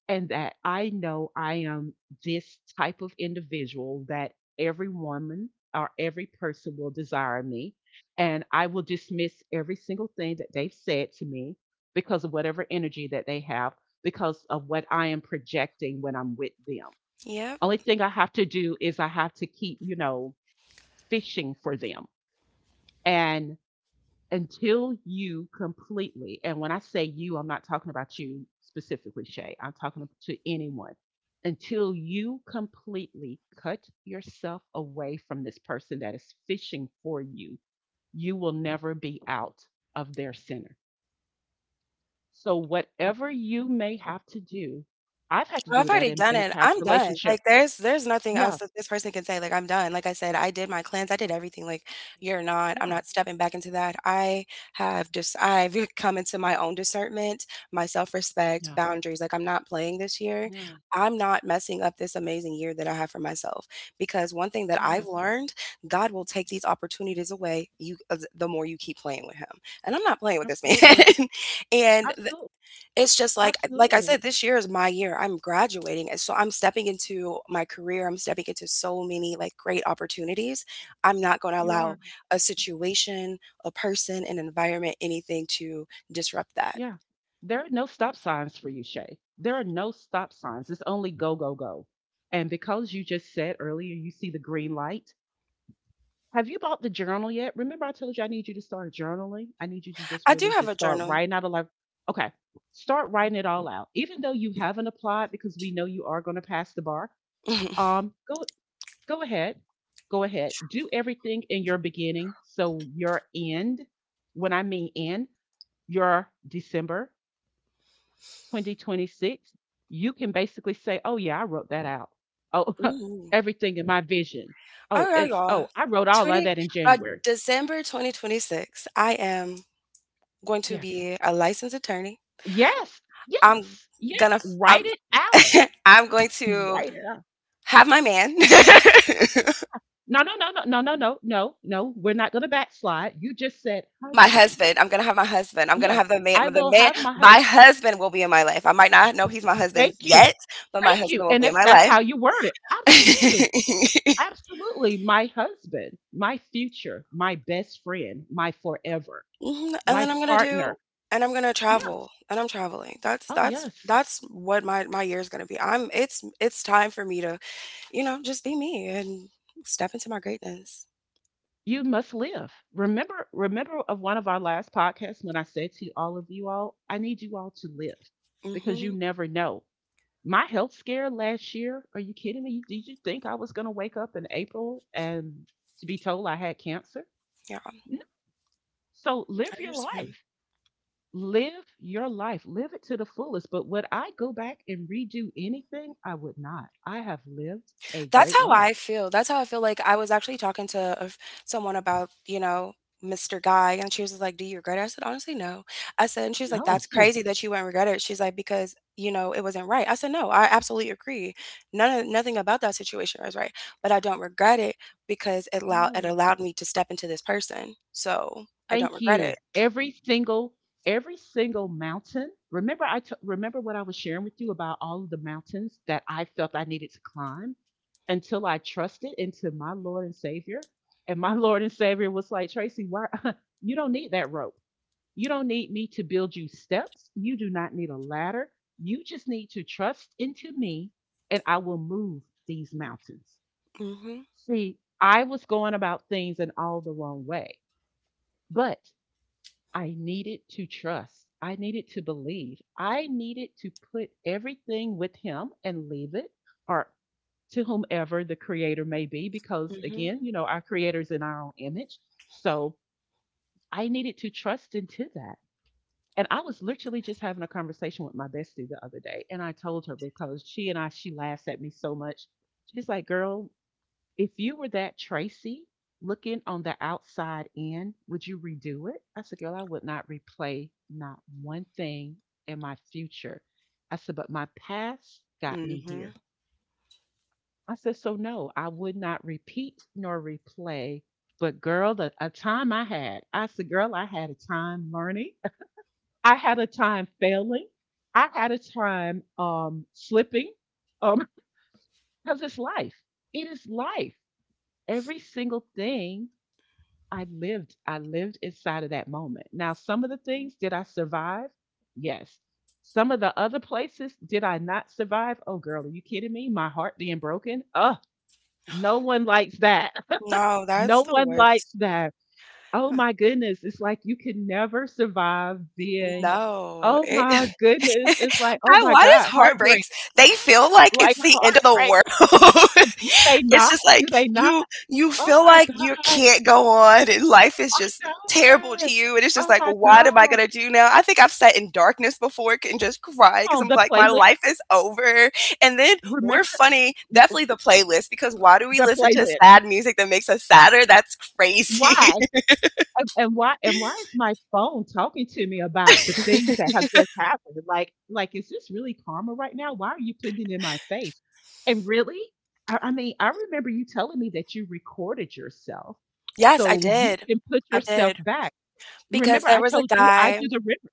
Speaker 1: and that I know I am this type of individual that every woman or every person will desire me. And I will dismiss every single thing that they've said to me because of whatever energy that they have, because of what I am projecting when I'm with them.
Speaker 2: Yeah.
Speaker 1: Only thing I have to do is I have to keep, you know, fishing for them. And until you completely, and when I say you, I'm not talking about you specifically, Shay, I'm talking to anyone. Until you completely cut yourself away from this person that is fishing for you, you will never be out of their center. So, whatever you may have to do, I've had to
Speaker 2: Well,
Speaker 1: do
Speaker 2: I've
Speaker 1: that
Speaker 2: already done
Speaker 1: in a
Speaker 2: it.
Speaker 1: past
Speaker 2: I'm done.
Speaker 1: relationship.
Speaker 2: Like there's nothing else
Speaker 1: Yeah,
Speaker 2: that this person can say. Like I'm done. Like I said, I did my cleanse. I did everything. Like, you're not. I'm
Speaker 1: yeah,
Speaker 2: not stepping back into that. I have just I've come into my own discernment, my self respect,
Speaker 1: yeah,
Speaker 2: boundaries. Like, I'm not playing this year.
Speaker 1: yeah.
Speaker 2: I'm not messing up this amazing year that I have for myself because one thing that
Speaker 1: You're
Speaker 2: I've
Speaker 1: right.
Speaker 2: learned: God will take these opportunities away. You the more you keep playing with Him, and I'm not playing with this
Speaker 1: Absolutely.
Speaker 2: man. And
Speaker 1: Absolutely.
Speaker 2: it's just like I
Speaker 1: Absolutely.
Speaker 2: said, this year is my year. I'm graduating, and so I'm stepping into my career. I'm stepping into so many, like, great opportunities. I'm not going to
Speaker 1: You
Speaker 2: allow
Speaker 1: are.
Speaker 2: a situation, a person, an environment, anything to disrupt that.
Speaker 1: Yeah. There are no stop signs for you, Shay. There are no stop signs. It's only go, go, go. And because you just said earlier, you see the green light. Have you bought the journal yet? Remember, I told you I need you to start journaling. I need you to just
Speaker 2: I do
Speaker 1: really
Speaker 2: have
Speaker 1: just
Speaker 2: a
Speaker 1: start
Speaker 2: journal.
Speaker 1: writing out a life. Okay. Start writing it all out. Even though you haven't applied because we know you are going to pass the bar, go go ahead. Go ahead. Do everything in your beginning. So your end, when I mean end, your December 2026, you can basically say, oh, yeah, I wrote that out. Oh,
Speaker 2: Ooh.
Speaker 1: everything in my vision.
Speaker 2: All
Speaker 1: Oh,
Speaker 2: right,
Speaker 1: it's,
Speaker 2: y'all.
Speaker 1: oh, I wrote all of
Speaker 2: 20—
Speaker 1: that in
Speaker 2: by
Speaker 1: January.
Speaker 2: December 2026, I am going to
Speaker 1: Yes.
Speaker 2: be a licensed attorney.
Speaker 1: Yes.
Speaker 2: I'm
Speaker 1: Yes. Yes.
Speaker 2: gonna
Speaker 1: Write
Speaker 2: I'm
Speaker 1: it out.
Speaker 2: I'm going to
Speaker 1: Write it out.
Speaker 2: have my man.
Speaker 1: No, no, no, no, no, no, no, no, no. We're not going to backslide. You just said
Speaker 2: My
Speaker 1: husband.
Speaker 2: husband. I'm gonna have my husband. I'm gonna
Speaker 1: Yes.
Speaker 2: have the man.
Speaker 1: I
Speaker 2: The
Speaker 1: will
Speaker 2: man.
Speaker 1: have my
Speaker 2: My
Speaker 1: husband.
Speaker 2: husband will be in my life. I might not know he's my husband
Speaker 1: Thank you.
Speaker 2: yet, but my
Speaker 1: Thank you.
Speaker 2: husband will
Speaker 1: And
Speaker 2: be in my
Speaker 1: that's
Speaker 2: life.
Speaker 1: how you word it. Absolutely. Absolutely. My husband, my future, my best friend, my forever.
Speaker 2: Mhm, and
Speaker 1: My
Speaker 2: then I'm gonna
Speaker 1: partner.
Speaker 2: do. And I'm gonna
Speaker 1: Yes.
Speaker 2: travel. And I'm traveling. That's
Speaker 1: Oh,
Speaker 2: that's
Speaker 1: yes.
Speaker 2: that's what my year is gonna be. I'm— It's time for me to just be me and step into my greatness.
Speaker 1: You must live. Remember, of one of our last podcasts when I said to all of you all, I need you all to live because
Speaker 2: Hmm.
Speaker 1: you never know. My health scare last year, are you kidding me? Did you think I was going to wake up in April and to be told I had cancer?
Speaker 2: Yeah,
Speaker 1: No. So
Speaker 2: I
Speaker 1: live your
Speaker 2: understand.
Speaker 1: life. Live your life. Live it to the fullest. But would I go back?
Speaker 2: That's how I feel. That's how I feel. Like, I was actually talking to a f someone about, Mr. Guy, and she was just like, "Do you regret it?" I said, "Honestly, no." I said And she was like, "That's crazy that you wouldn't regret it." She's like, "Because, you know, it wasn't right." I said, "No, I absolutely agree. None of nothing about that situation was right, but I don't regret it because it
Speaker 1: No,
Speaker 2: allowed me to step into this person, so I don't
Speaker 1: thank
Speaker 2: regret
Speaker 1: you.
Speaker 2: it."
Speaker 1: Every single mountain. Remember, remember what I was sharing with you about all of the mountains that I felt I needed to climb until I trusted into my Lord and Savior. And my Lord and Savior was like, Tracy, why you don't need that rope. You don't need me to build you steps. You do not need a ladder. You just need to trust into me and I will move these mountains.
Speaker 2: Mhm,
Speaker 1: See, I was going about things in all the wrong way. But I needed to trust. I needed to believe. I needed to put everything with him and leave it or to whomever the creator may be, because
Speaker 2: mhm,
Speaker 1: again, our creator's in our own image. So I needed to trust into that. And I was literally just having a conversation with my bestie the other day. And I told her because she and I, she laughs at me so much. She's like, girl, if you were that Tracy looking on the outside in, would you redo it? I said, girl, I would not replay not one thing in my future. I said, but my past got me
Speaker 2: mhm.
Speaker 1: here. I said, so no, I would not repeat nor replay. But girl, the a time I had, I said, girl, I had a time learning. I had a time failing. I had a time slipping um, because it's life. It is life. Every single thing I lived inside of that moment. Now, some of the things did I survive? Yes. Some of the other places did I not survive? Oh, girl, are you kidding me? My heart being broken? Ugh, no one likes that.
Speaker 2: No, that's
Speaker 1: No
Speaker 2: the
Speaker 1: one
Speaker 2: worst.
Speaker 1: likes that. Oh
Speaker 2: Uh,
Speaker 1: my goodness. It's like you can never survive being,
Speaker 2: no,
Speaker 1: oh
Speaker 2: it
Speaker 1: my goodness. It's like, oh
Speaker 2: I
Speaker 1: my
Speaker 2: why does
Speaker 1: God, heartbreak.
Speaker 2: heartbreaks, they feel like
Speaker 1: Like
Speaker 2: it's the end of the
Speaker 1: heartbreak.
Speaker 2: world?
Speaker 1: Do they
Speaker 2: It's
Speaker 1: not?
Speaker 2: just like,
Speaker 1: Do they not?
Speaker 2: you
Speaker 1: Oh
Speaker 2: feel
Speaker 1: my
Speaker 2: like you
Speaker 1: God.
Speaker 2: can't go on, and life is
Speaker 1: I
Speaker 2: just terrible
Speaker 1: know
Speaker 2: to
Speaker 1: it.
Speaker 2: you, and it's just
Speaker 1: Oh
Speaker 2: like,
Speaker 1: my
Speaker 2: what am I
Speaker 1: God.
Speaker 2: gonna do now? I think I've sat in darkness before and just cried because
Speaker 1: On,
Speaker 2: I'm
Speaker 1: the
Speaker 2: like, my
Speaker 1: playlist.
Speaker 2: life is over. And then, we're
Speaker 1: Remember
Speaker 2: funny. Definitely the playlist, because why do we
Speaker 1: the
Speaker 2: listen to
Speaker 1: playlist.
Speaker 2: sad music that makes us sadder? That's crazy.
Speaker 1: Why? And why and why is my phone talking to me about the things that have just happened? Like is this really karma right now? Why are you putting it in my face? And really? I mean, I remember you telling me that you recorded yourself
Speaker 2: Yes, I
Speaker 1: so you
Speaker 2: did.
Speaker 1: can put
Speaker 2: I
Speaker 1: yourself
Speaker 2: did,
Speaker 1: back.
Speaker 2: because
Speaker 1: Remember, I
Speaker 2: there was a
Speaker 1: told you I
Speaker 2: guy.
Speaker 1: do the river,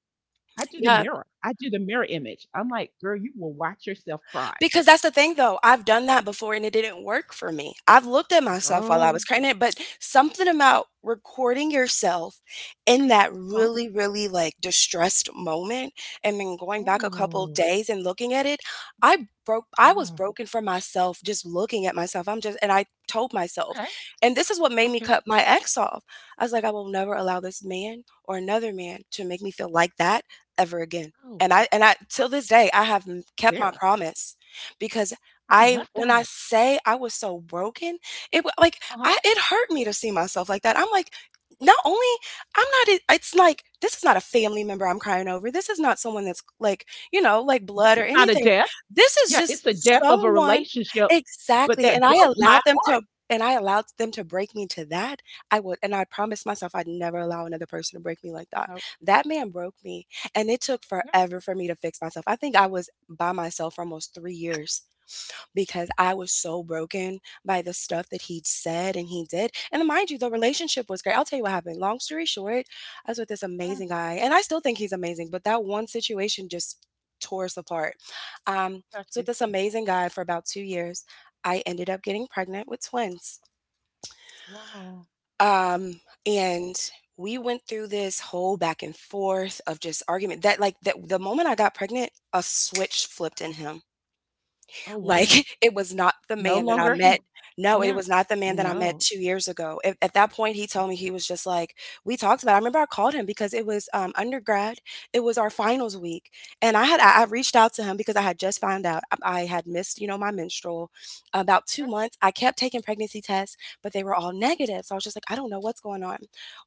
Speaker 2: Yeah,
Speaker 1: I do the mirror image. I'm like, girl, you will watch yourself cry.
Speaker 2: because that's the thing though, I've done that before and it didn't work for me. I've looked at myself while I
Speaker 1: Girl,
Speaker 2: was pregnant, but something about recording yourself in that
Speaker 1: huh?
Speaker 2: really, really, like, distressed moment and then going back a couple
Speaker 1: Oh,
Speaker 2: days and looking at it, I was
Speaker 1: girl.
Speaker 2: broken for myself just looking at myself. I'm just and I told myself,
Speaker 1: Okay.
Speaker 2: and this is what made me
Speaker 1: Okay.
Speaker 2: cut my ex off. I was like, I will never allow this man or another man to make me feel like that ever again.
Speaker 1: Oh,
Speaker 2: And I, till this day, I have kept my
Speaker 1: there.
Speaker 2: promise because
Speaker 1: I
Speaker 2: I
Speaker 1: love
Speaker 2: when I
Speaker 1: that.
Speaker 2: say I was so broken, it wa like,
Speaker 1: Uh-huh.
Speaker 2: I it hurt me to see myself like that. I'm like, not only I'm not I it's like, this is not a family member I'm crying over. This is not someone that's, like,
Speaker 1: This
Speaker 2: blood or
Speaker 1: is not a
Speaker 2: anything.
Speaker 1: death.
Speaker 2: This is
Speaker 1: Yeah, it's
Speaker 2: just
Speaker 1: a death of a
Speaker 2: someone.
Speaker 1: relationship, but
Speaker 2: Exactly. and
Speaker 1: that
Speaker 2: I
Speaker 1: broke my
Speaker 2: allowed them
Speaker 1: heart.
Speaker 2: to and I allowed them to break me to that. I would and I promised myself I'd never allow another person to break me like that.
Speaker 1: Oh,
Speaker 2: That man broke me, and it took
Speaker 1: yeah.
Speaker 2: forever for me to fix myself. I think I was by myself for almost 3 years because I was so broken by the stuff that he said and he did. And mind you, the relationship was great. I'll tell you what happened. Long story short, I was with this
Speaker 1: Yeah,
Speaker 2: amazing guy, and I still think he's amazing, but that one situation just tore us apart. I
Speaker 1: got
Speaker 2: was with
Speaker 1: you.
Speaker 2: this amazing guy for about 2 years. I ended up getting pregnant with twins.
Speaker 1: Wow.
Speaker 2: And we went through this whole back and forth of just argument, that the moment I got pregnant, a switch flipped in him.
Speaker 1: Oh,
Speaker 2: Like,
Speaker 1: wow.
Speaker 2: it was not the
Speaker 1: No
Speaker 2: man that I
Speaker 1: longer he.
Speaker 2: met— no, it
Speaker 1: Yeah.
Speaker 2: was not the man that I met
Speaker 1: No.
Speaker 2: 2 years ago. At that point, he told me he was just like— we talked about it. I remember I called him because it was, undergrad, it was our finals week, and I had I reached out to him because I had just found out I had missed, my menstrual, about 2 months. I kept taking pregnancy tests, but they were all negative, so I was just like, "I don't know what's going on."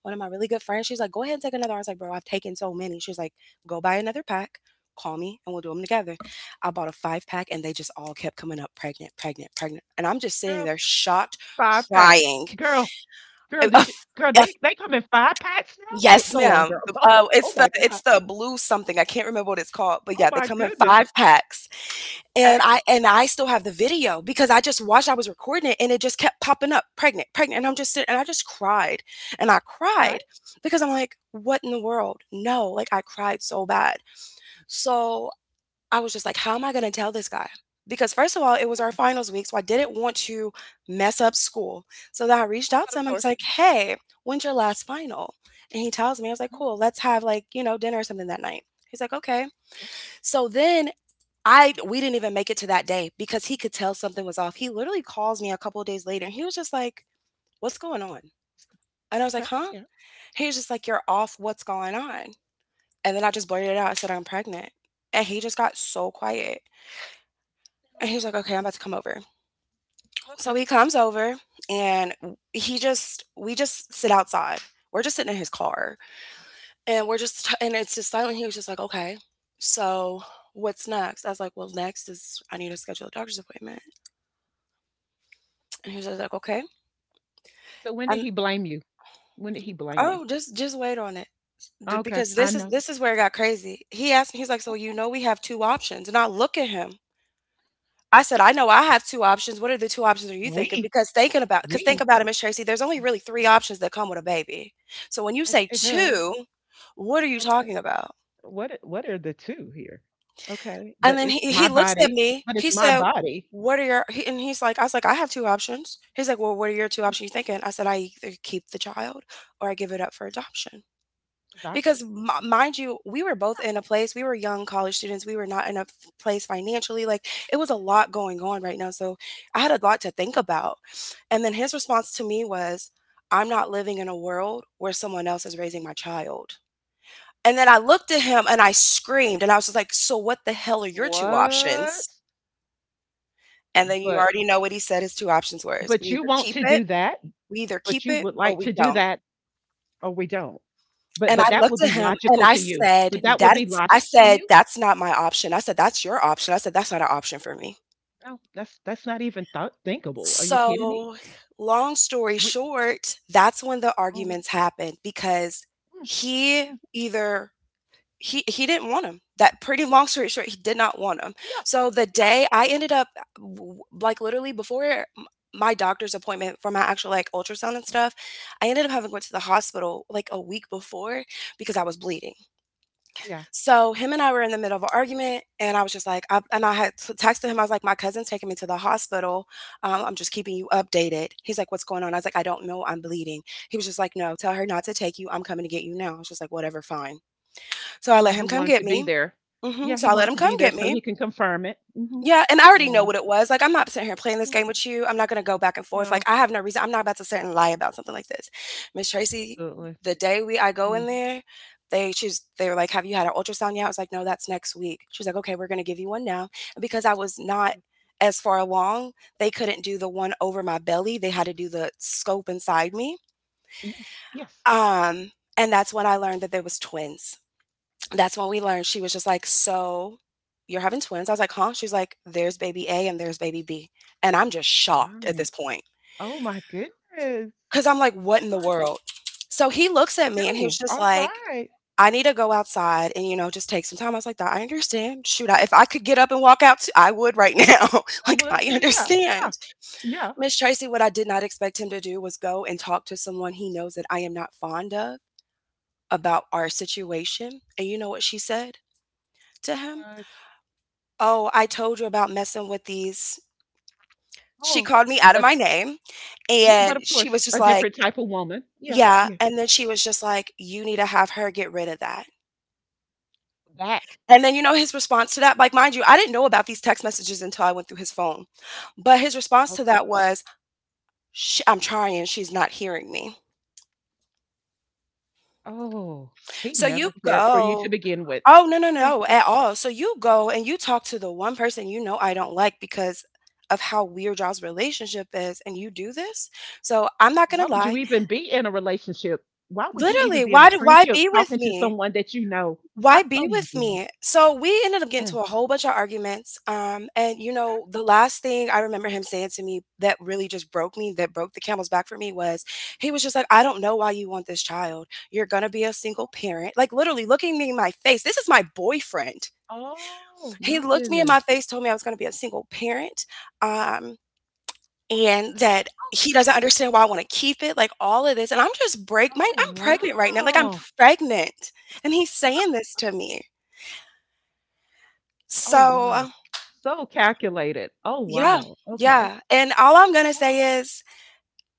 Speaker 2: One of my really good friends, she's like, "Go ahead and take another." I was like, "Bro, I've taken so many." She's like, "Go buy another pack, call me, and we'll do them together." I bought a five pack, and they just all kept coming up pregnant, pregnant, pregnant. And I'm just sitting
Speaker 1: Girl,
Speaker 2: there shocked,
Speaker 1: five pack.
Speaker 2: crying.
Speaker 1: Girl, girl,
Speaker 2: A-
Speaker 1: did you? Girl, they come in five packs now. Go,
Speaker 2: yes,
Speaker 1: go on,
Speaker 2: ma'am.
Speaker 1: girl.
Speaker 2: Uh,
Speaker 1: Oh
Speaker 2: it's the
Speaker 1: my God.
Speaker 2: it's the blue something. I can't remember what it's called, but
Speaker 1: Oh
Speaker 2: yeah, they
Speaker 1: my
Speaker 2: come in
Speaker 1: goodness.
Speaker 2: five packs.
Speaker 1: Okay.
Speaker 2: And I still have the video because I just watched. I was recording it, and it just kept popping up, pregnant, pregnant. And I'm just sitting, and I just cried and I
Speaker 1: Okay.
Speaker 2: cried because I'm like, what in the world? No, like I cried so bad. So I was just like, how am I going to tell this guy? Because first of all, it was our finals week, so I didn't want to mess up school. So then I reached out
Speaker 1: But
Speaker 2: to
Speaker 1: of
Speaker 2: him. I was
Speaker 1: course.
Speaker 2: like, hey, when's your last final? And he tells me, I was like,
Speaker 1: Uh-huh,
Speaker 2: cool, let's have like, dinner or something that night. He's like, okay. So then I we didn't even make it to that day because he could tell something was off. He literally calls me a couple of days later and he was just like, what's going on? And I was
Speaker 1: okay.
Speaker 2: like, huh?
Speaker 1: Yeah.
Speaker 2: He was just like, you're off, what's going on? And then I just blurted it out. I said, I'm pregnant. And he just got so quiet. And he
Speaker 1: Mhm,
Speaker 2: was like, okay, I'm about to come over. So he
Speaker 1: okay.
Speaker 2: comes over and he just we just sit outside. We're just sitting in his car and it's just silent. He was just like, "Okay, so what's next?" I was like, "Well, next is I need to schedule a doctor's appointment." And he was just like, "Okay,"
Speaker 1: So when did
Speaker 2: and
Speaker 1: he blame you? When did he blame you?
Speaker 2: oh, just wait on it
Speaker 1: Okay,
Speaker 2: because
Speaker 1: I know.
Speaker 2: this is where it got crazy. He asked me, he's like, "So you know we have two options?" And I look at him I said, "I know I have 2 options. What are the 2 options are you thinking?"
Speaker 1: We,
Speaker 2: Because because think
Speaker 1: we.
Speaker 2: about it, Miss Tracy, there's only
Speaker 1: Oh,
Speaker 2: really 3 options that come with a baby. So when you
Speaker 1: It
Speaker 2: say
Speaker 1: it does.
Speaker 2: 2, what are you
Speaker 1: Okay.
Speaker 2: talking about?
Speaker 1: What what are the two here? Okay,
Speaker 2: And
Speaker 1: but
Speaker 2: then
Speaker 1: it's
Speaker 2: he
Speaker 1: my
Speaker 2: looks at
Speaker 1: body,
Speaker 2: me,
Speaker 1: but
Speaker 2: he
Speaker 1: it's my
Speaker 2: said,
Speaker 1: body.
Speaker 2: "What are your" he and he's like I was like, "I have 2 options." He's like, "Well, what are your 2 options you
Speaker 1: Mhm.
Speaker 2: thinking?" I said, "I either keep the child or I give it up for adoption."
Speaker 1: Adoption.
Speaker 2: Because mi mind you, we were both in a place, we were young college students, we were not in a f place financially, like, it was a lot going on right now, so I had a lot to think about, and then his response to me was, "I'm not living in a world where someone else is raising my child." And then I looked at him and I screamed, and I was just like, "So what the hell are your 2
Speaker 1: What?
Speaker 2: options?" And then you
Speaker 1: But
Speaker 2: already know what he said his 2 options were, is
Speaker 1: but you want to do that,
Speaker 2: we either keep
Speaker 1: but you
Speaker 2: it
Speaker 1: would
Speaker 2: or
Speaker 1: like
Speaker 2: we
Speaker 1: to do
Speaker 2: don't.
Speaker 1: that or we don't.
Speaker 2: And
Speaker 1: But
Speaker 2: I
Speaker 1: that would
Speaker 2: looked at
Speaker 1: be
Speaker 2: him and
Speaker 1: logical to you. But that would be
Speaker 2: I
Speaker 1: logic to
Speaker 2: said,
Speaker 1: you?
Speaker 2: "That's not my option." I said, "That's your option." I said, "That's not an option for me."
Speaker 1: No, that's not even thought thinkable. Are you kidding me?
Speaker 2: So, long story
Speaker 1: We.
Speaker 2: short, that's when the
Speaker 1: Oh,
Speaker 2: arguments happened because
Speaker 1: mm,
Speaker 2: he
Speaker 1: mm,
Speaker 2: either he didn't want him. That pretty Long story short, he did not want him.
Speaker 1: yeah.
Speaker 2: So the
Speaker 1: Yeah.
Speaker 2: day I ended up like literally before m- my doctor's appointment for my actual like ultrasound and stuff, I ended up having to go to the hospital like a week before because I was bleeding.
Speaker 1: Yeah.
Speaker 2: So him and I were in the middle of an argument, and I was just like, I had texted him. I was like, my cousin's taking me to the hospital. I'm just keeping you updated. He's like, what's going on? I was like, I don't know. I'm bleeding. He was just like, no, tell her not to take you. I'm coming to get you now. I was just like, whatever, fine. So I let
Speaker 1: Yeah, he
Speaker 2: him come
Speaker 1: wanted
Speaker 2: get
Speaker 1: to be
Speaker 2: me.
Speaker 1: there.
Speaker 2: Hmm.
Speaker 1: Yeah,
Speaker 2: So
Speaker 1: he
Speaker 2: I let
Speaker 1: wanted
Speaker 2: him
Speaker 1: to
Speaker 2: come
Speaker 1: be there
Speaker 2: get
Speaker 1: so
Speaker 2: me.
Speaker 1: he can confirm it. Hmm.
Speaker 2: Yeah, and I already know
Speaker 1: Yeah.
Speaker 2: what it was, like, I'm not sitting here playing this
Speaker 1: Yeah.
Speaker 2: game with you, I'm not gonna go back and forth,
Speaker 1: Yeah.
Speaker 2: like, I have no reason, I'm not about to sit and lie about something like this. Miss Tracy,
Speaker 1: Absolutely.
Speaker 2: the day we I go in
Speaker 1: Mhm.
Speaker 2: there, they were like, "Have you had an ultrasound yet?" I was like, "No, that's next week." She's like, "Okay, we're gonna give you one now," and because I was not as far along, they couldn't do the one over my belly, they had to do the scope inside me,
Speaker 1: Yes. Yes.
Speaker 2: um, and that's when I learned that there was twins, that's when we learned she was just like, so you're having twins? I was like, huh? She's like, there's baby A and there's baby B. And I'm just shocked at this
Speaker 1: Right.
Speaker 2: point
Speaker 1: Oh my goodness.
Speaker 2: because I'm like, what in
Speaker 1: Oh
Speaker 2: the
Speaker 1: my
Speaker 2: world?
Speaker 1: goodness.
Speaker 2: So he looks at me and he was
Speaker 1: Too.
Speaker 2: just
Speaker 1: All
Speaker 2: like,
Speaker 1: right.
Speaker 2: I need to go outside and, you know, just take some time. I was like, "Doc, I understand. Shoot, I, if I could get up and walk out, I would right now.
Speaker 1: I
Speaker 2: Like,
Speaker 1: would
Speaker 2: I
Speaker 1: too. Yeah.
Speaker 2: understand.
Speaker 1: Yeah. Yeah.
Speaker 2: Miss Tracy, what I did not expect him to do was go and talk to someone he knows that I am not fond of about our situation. And you know what she said to him?
Speaker 1: What?
Speaker 2: Oh, I told you about messing with these, she
Speaker 1: Oh,
Speaker 2: called me out of my
Speaker 1: that's
Speaker 2: name,
Speaker 1: yeah. But
Speaker 2: and
Speaker 1: of
Speaker 2: she
Speaker 1: course,
Speaker 2: was just
Speaker 1: a
Speaker 2: like
Speaker 1: different type of woman. Yeah.
Speaker 2: yeah,
Speaker 1: Yeah.
Speaker 2: and then she was just like, "You need to have her get rid of that."
Speaker 1: That.
Speaker 2: And then, you know, his response to that, like, mind you, I didn't know about these text messages until I went through his phone, but his response to
Speaker 1: Okay.
Speaker 2: that was, "Sh I'm trying, she's not hearing me."
Speaker 1: Oh, he
Speaker 2: So you
Speaker 1: never cared for you to
Speaker 2: go.
Speaker 1: begin with.
Speaker 2: Oh, no, no,
Speaker 1: Yeah.
Speaker 2: no, at all. So you go and you talk to the one person you know I don't like because of how weird y'all's relationship is, and you do this? So I'm not
Speaker 1: Why
Speaker 2: gonna
Speaker 1: would you
Speaker 2: lie.
Speaker 1: even be in a relationship? Why would you even
Speaker 2: Literally,
Speaker 1: be in a
Speaker 2: why
Speaker 1: friendship
Speaker 2: be with
Speaker 1: talking to
Speaker 2: me?
Speaker 1: someone that you know?
Speaker 2: Why
Speaker 1: I,
Speaker 2: be
Speaker 1: oh my
Speaker 2: with
Speaker 1: goodness.
Speaker 2: me? So we ended up getting
Speaker 1: Mm.
Speaker 2: to a whole bunch of arguments. And you
Speaker 1: Okay.
Speaker 2: know, the last thing I remember him saying to me that really just broke me, that broke the camel's back for me was he was just like, I don't know why you want this child. You're gonna be a single parent. Like literally looking me in my face. This is my boyfriend.
Speaker 1: Oh
Speaker 2: He
Speaker 1: my
Speaker 2: looked me in my
Speaker 1: goodness.
Speaker 2: face, told me I was gonna be a single parent. Um,
Speaker 1: Oh,
Speaker 2: and that
Speaker 1: oh,
Speaker 2: he doesn't
Speaker 1: good.
Speaker 2: understand why I wanna keep it, like, all of this, and I'm just break my
Speaker 1: Oh,
Speaker 2: I'm pregnant right now, like, I'm
Speaker 1: wow.
Speaker 2: pregnant, and he's saying this to me.
Speaker 1: Oh wow.
Speaker 2: So,
Speaker 1: So calculated. Oh
Speaker 2: yeah,
Speaker 1: wow. Okay.
Speaker 2: yeah, and all I'm gonna
Speaker 1: Oh,
Speaker 2: say is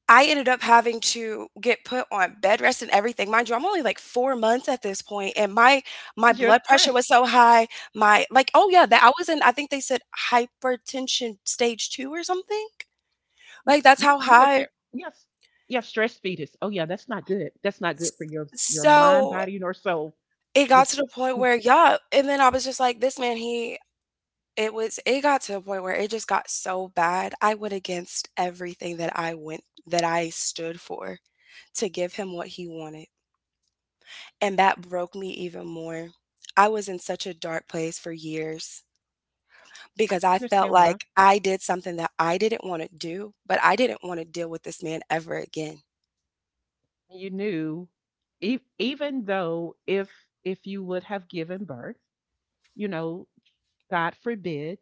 Speaker 2: I ended up having to get put on bed rest and everything. Mind you, I'm only, like, 4 months at this point, and my
Speaker 1: because you're
Speaker 2: blood pressure
Speaker 1: stressed.
Speaker 2: was so high, oh, yeah,
Speaker 1: Yeah.
Speaker 2: that I was in, I think they said hypertension stage 2 or something?
Speaker 1: You
Speaker 2: Like, that's
Speaker 1: you
Speaker 2: how
Speaker 1: you were
Speaker 2: high.
Speaker 1: care. Yes. Yeah. Stress fetus. Oh yeah. That's not good. That's not good for your mind,
Speaker 2: So
Speaker 1: body, nor soul.
Speaker 2: it got to
Speaker 1: Yes.
Speaker 2: the point
Speaker 1: I
Speaker 2: where yeah, and then I was just like, "This man, he" it was it got to the point where it just got so bad, I went against everything that I went that I stood for to give him what he wanted, and that broke me even more. I was in such a dark place for years
Speaker 1: can
Speaker 2: because I felt
Speaker 1: understand why.
Speaker 2: like I did something that I didn't wanna do, but I didn't wanna deal with this man ever again.
Speaker 1: You knew if, even though if you would have given birth you know god forbid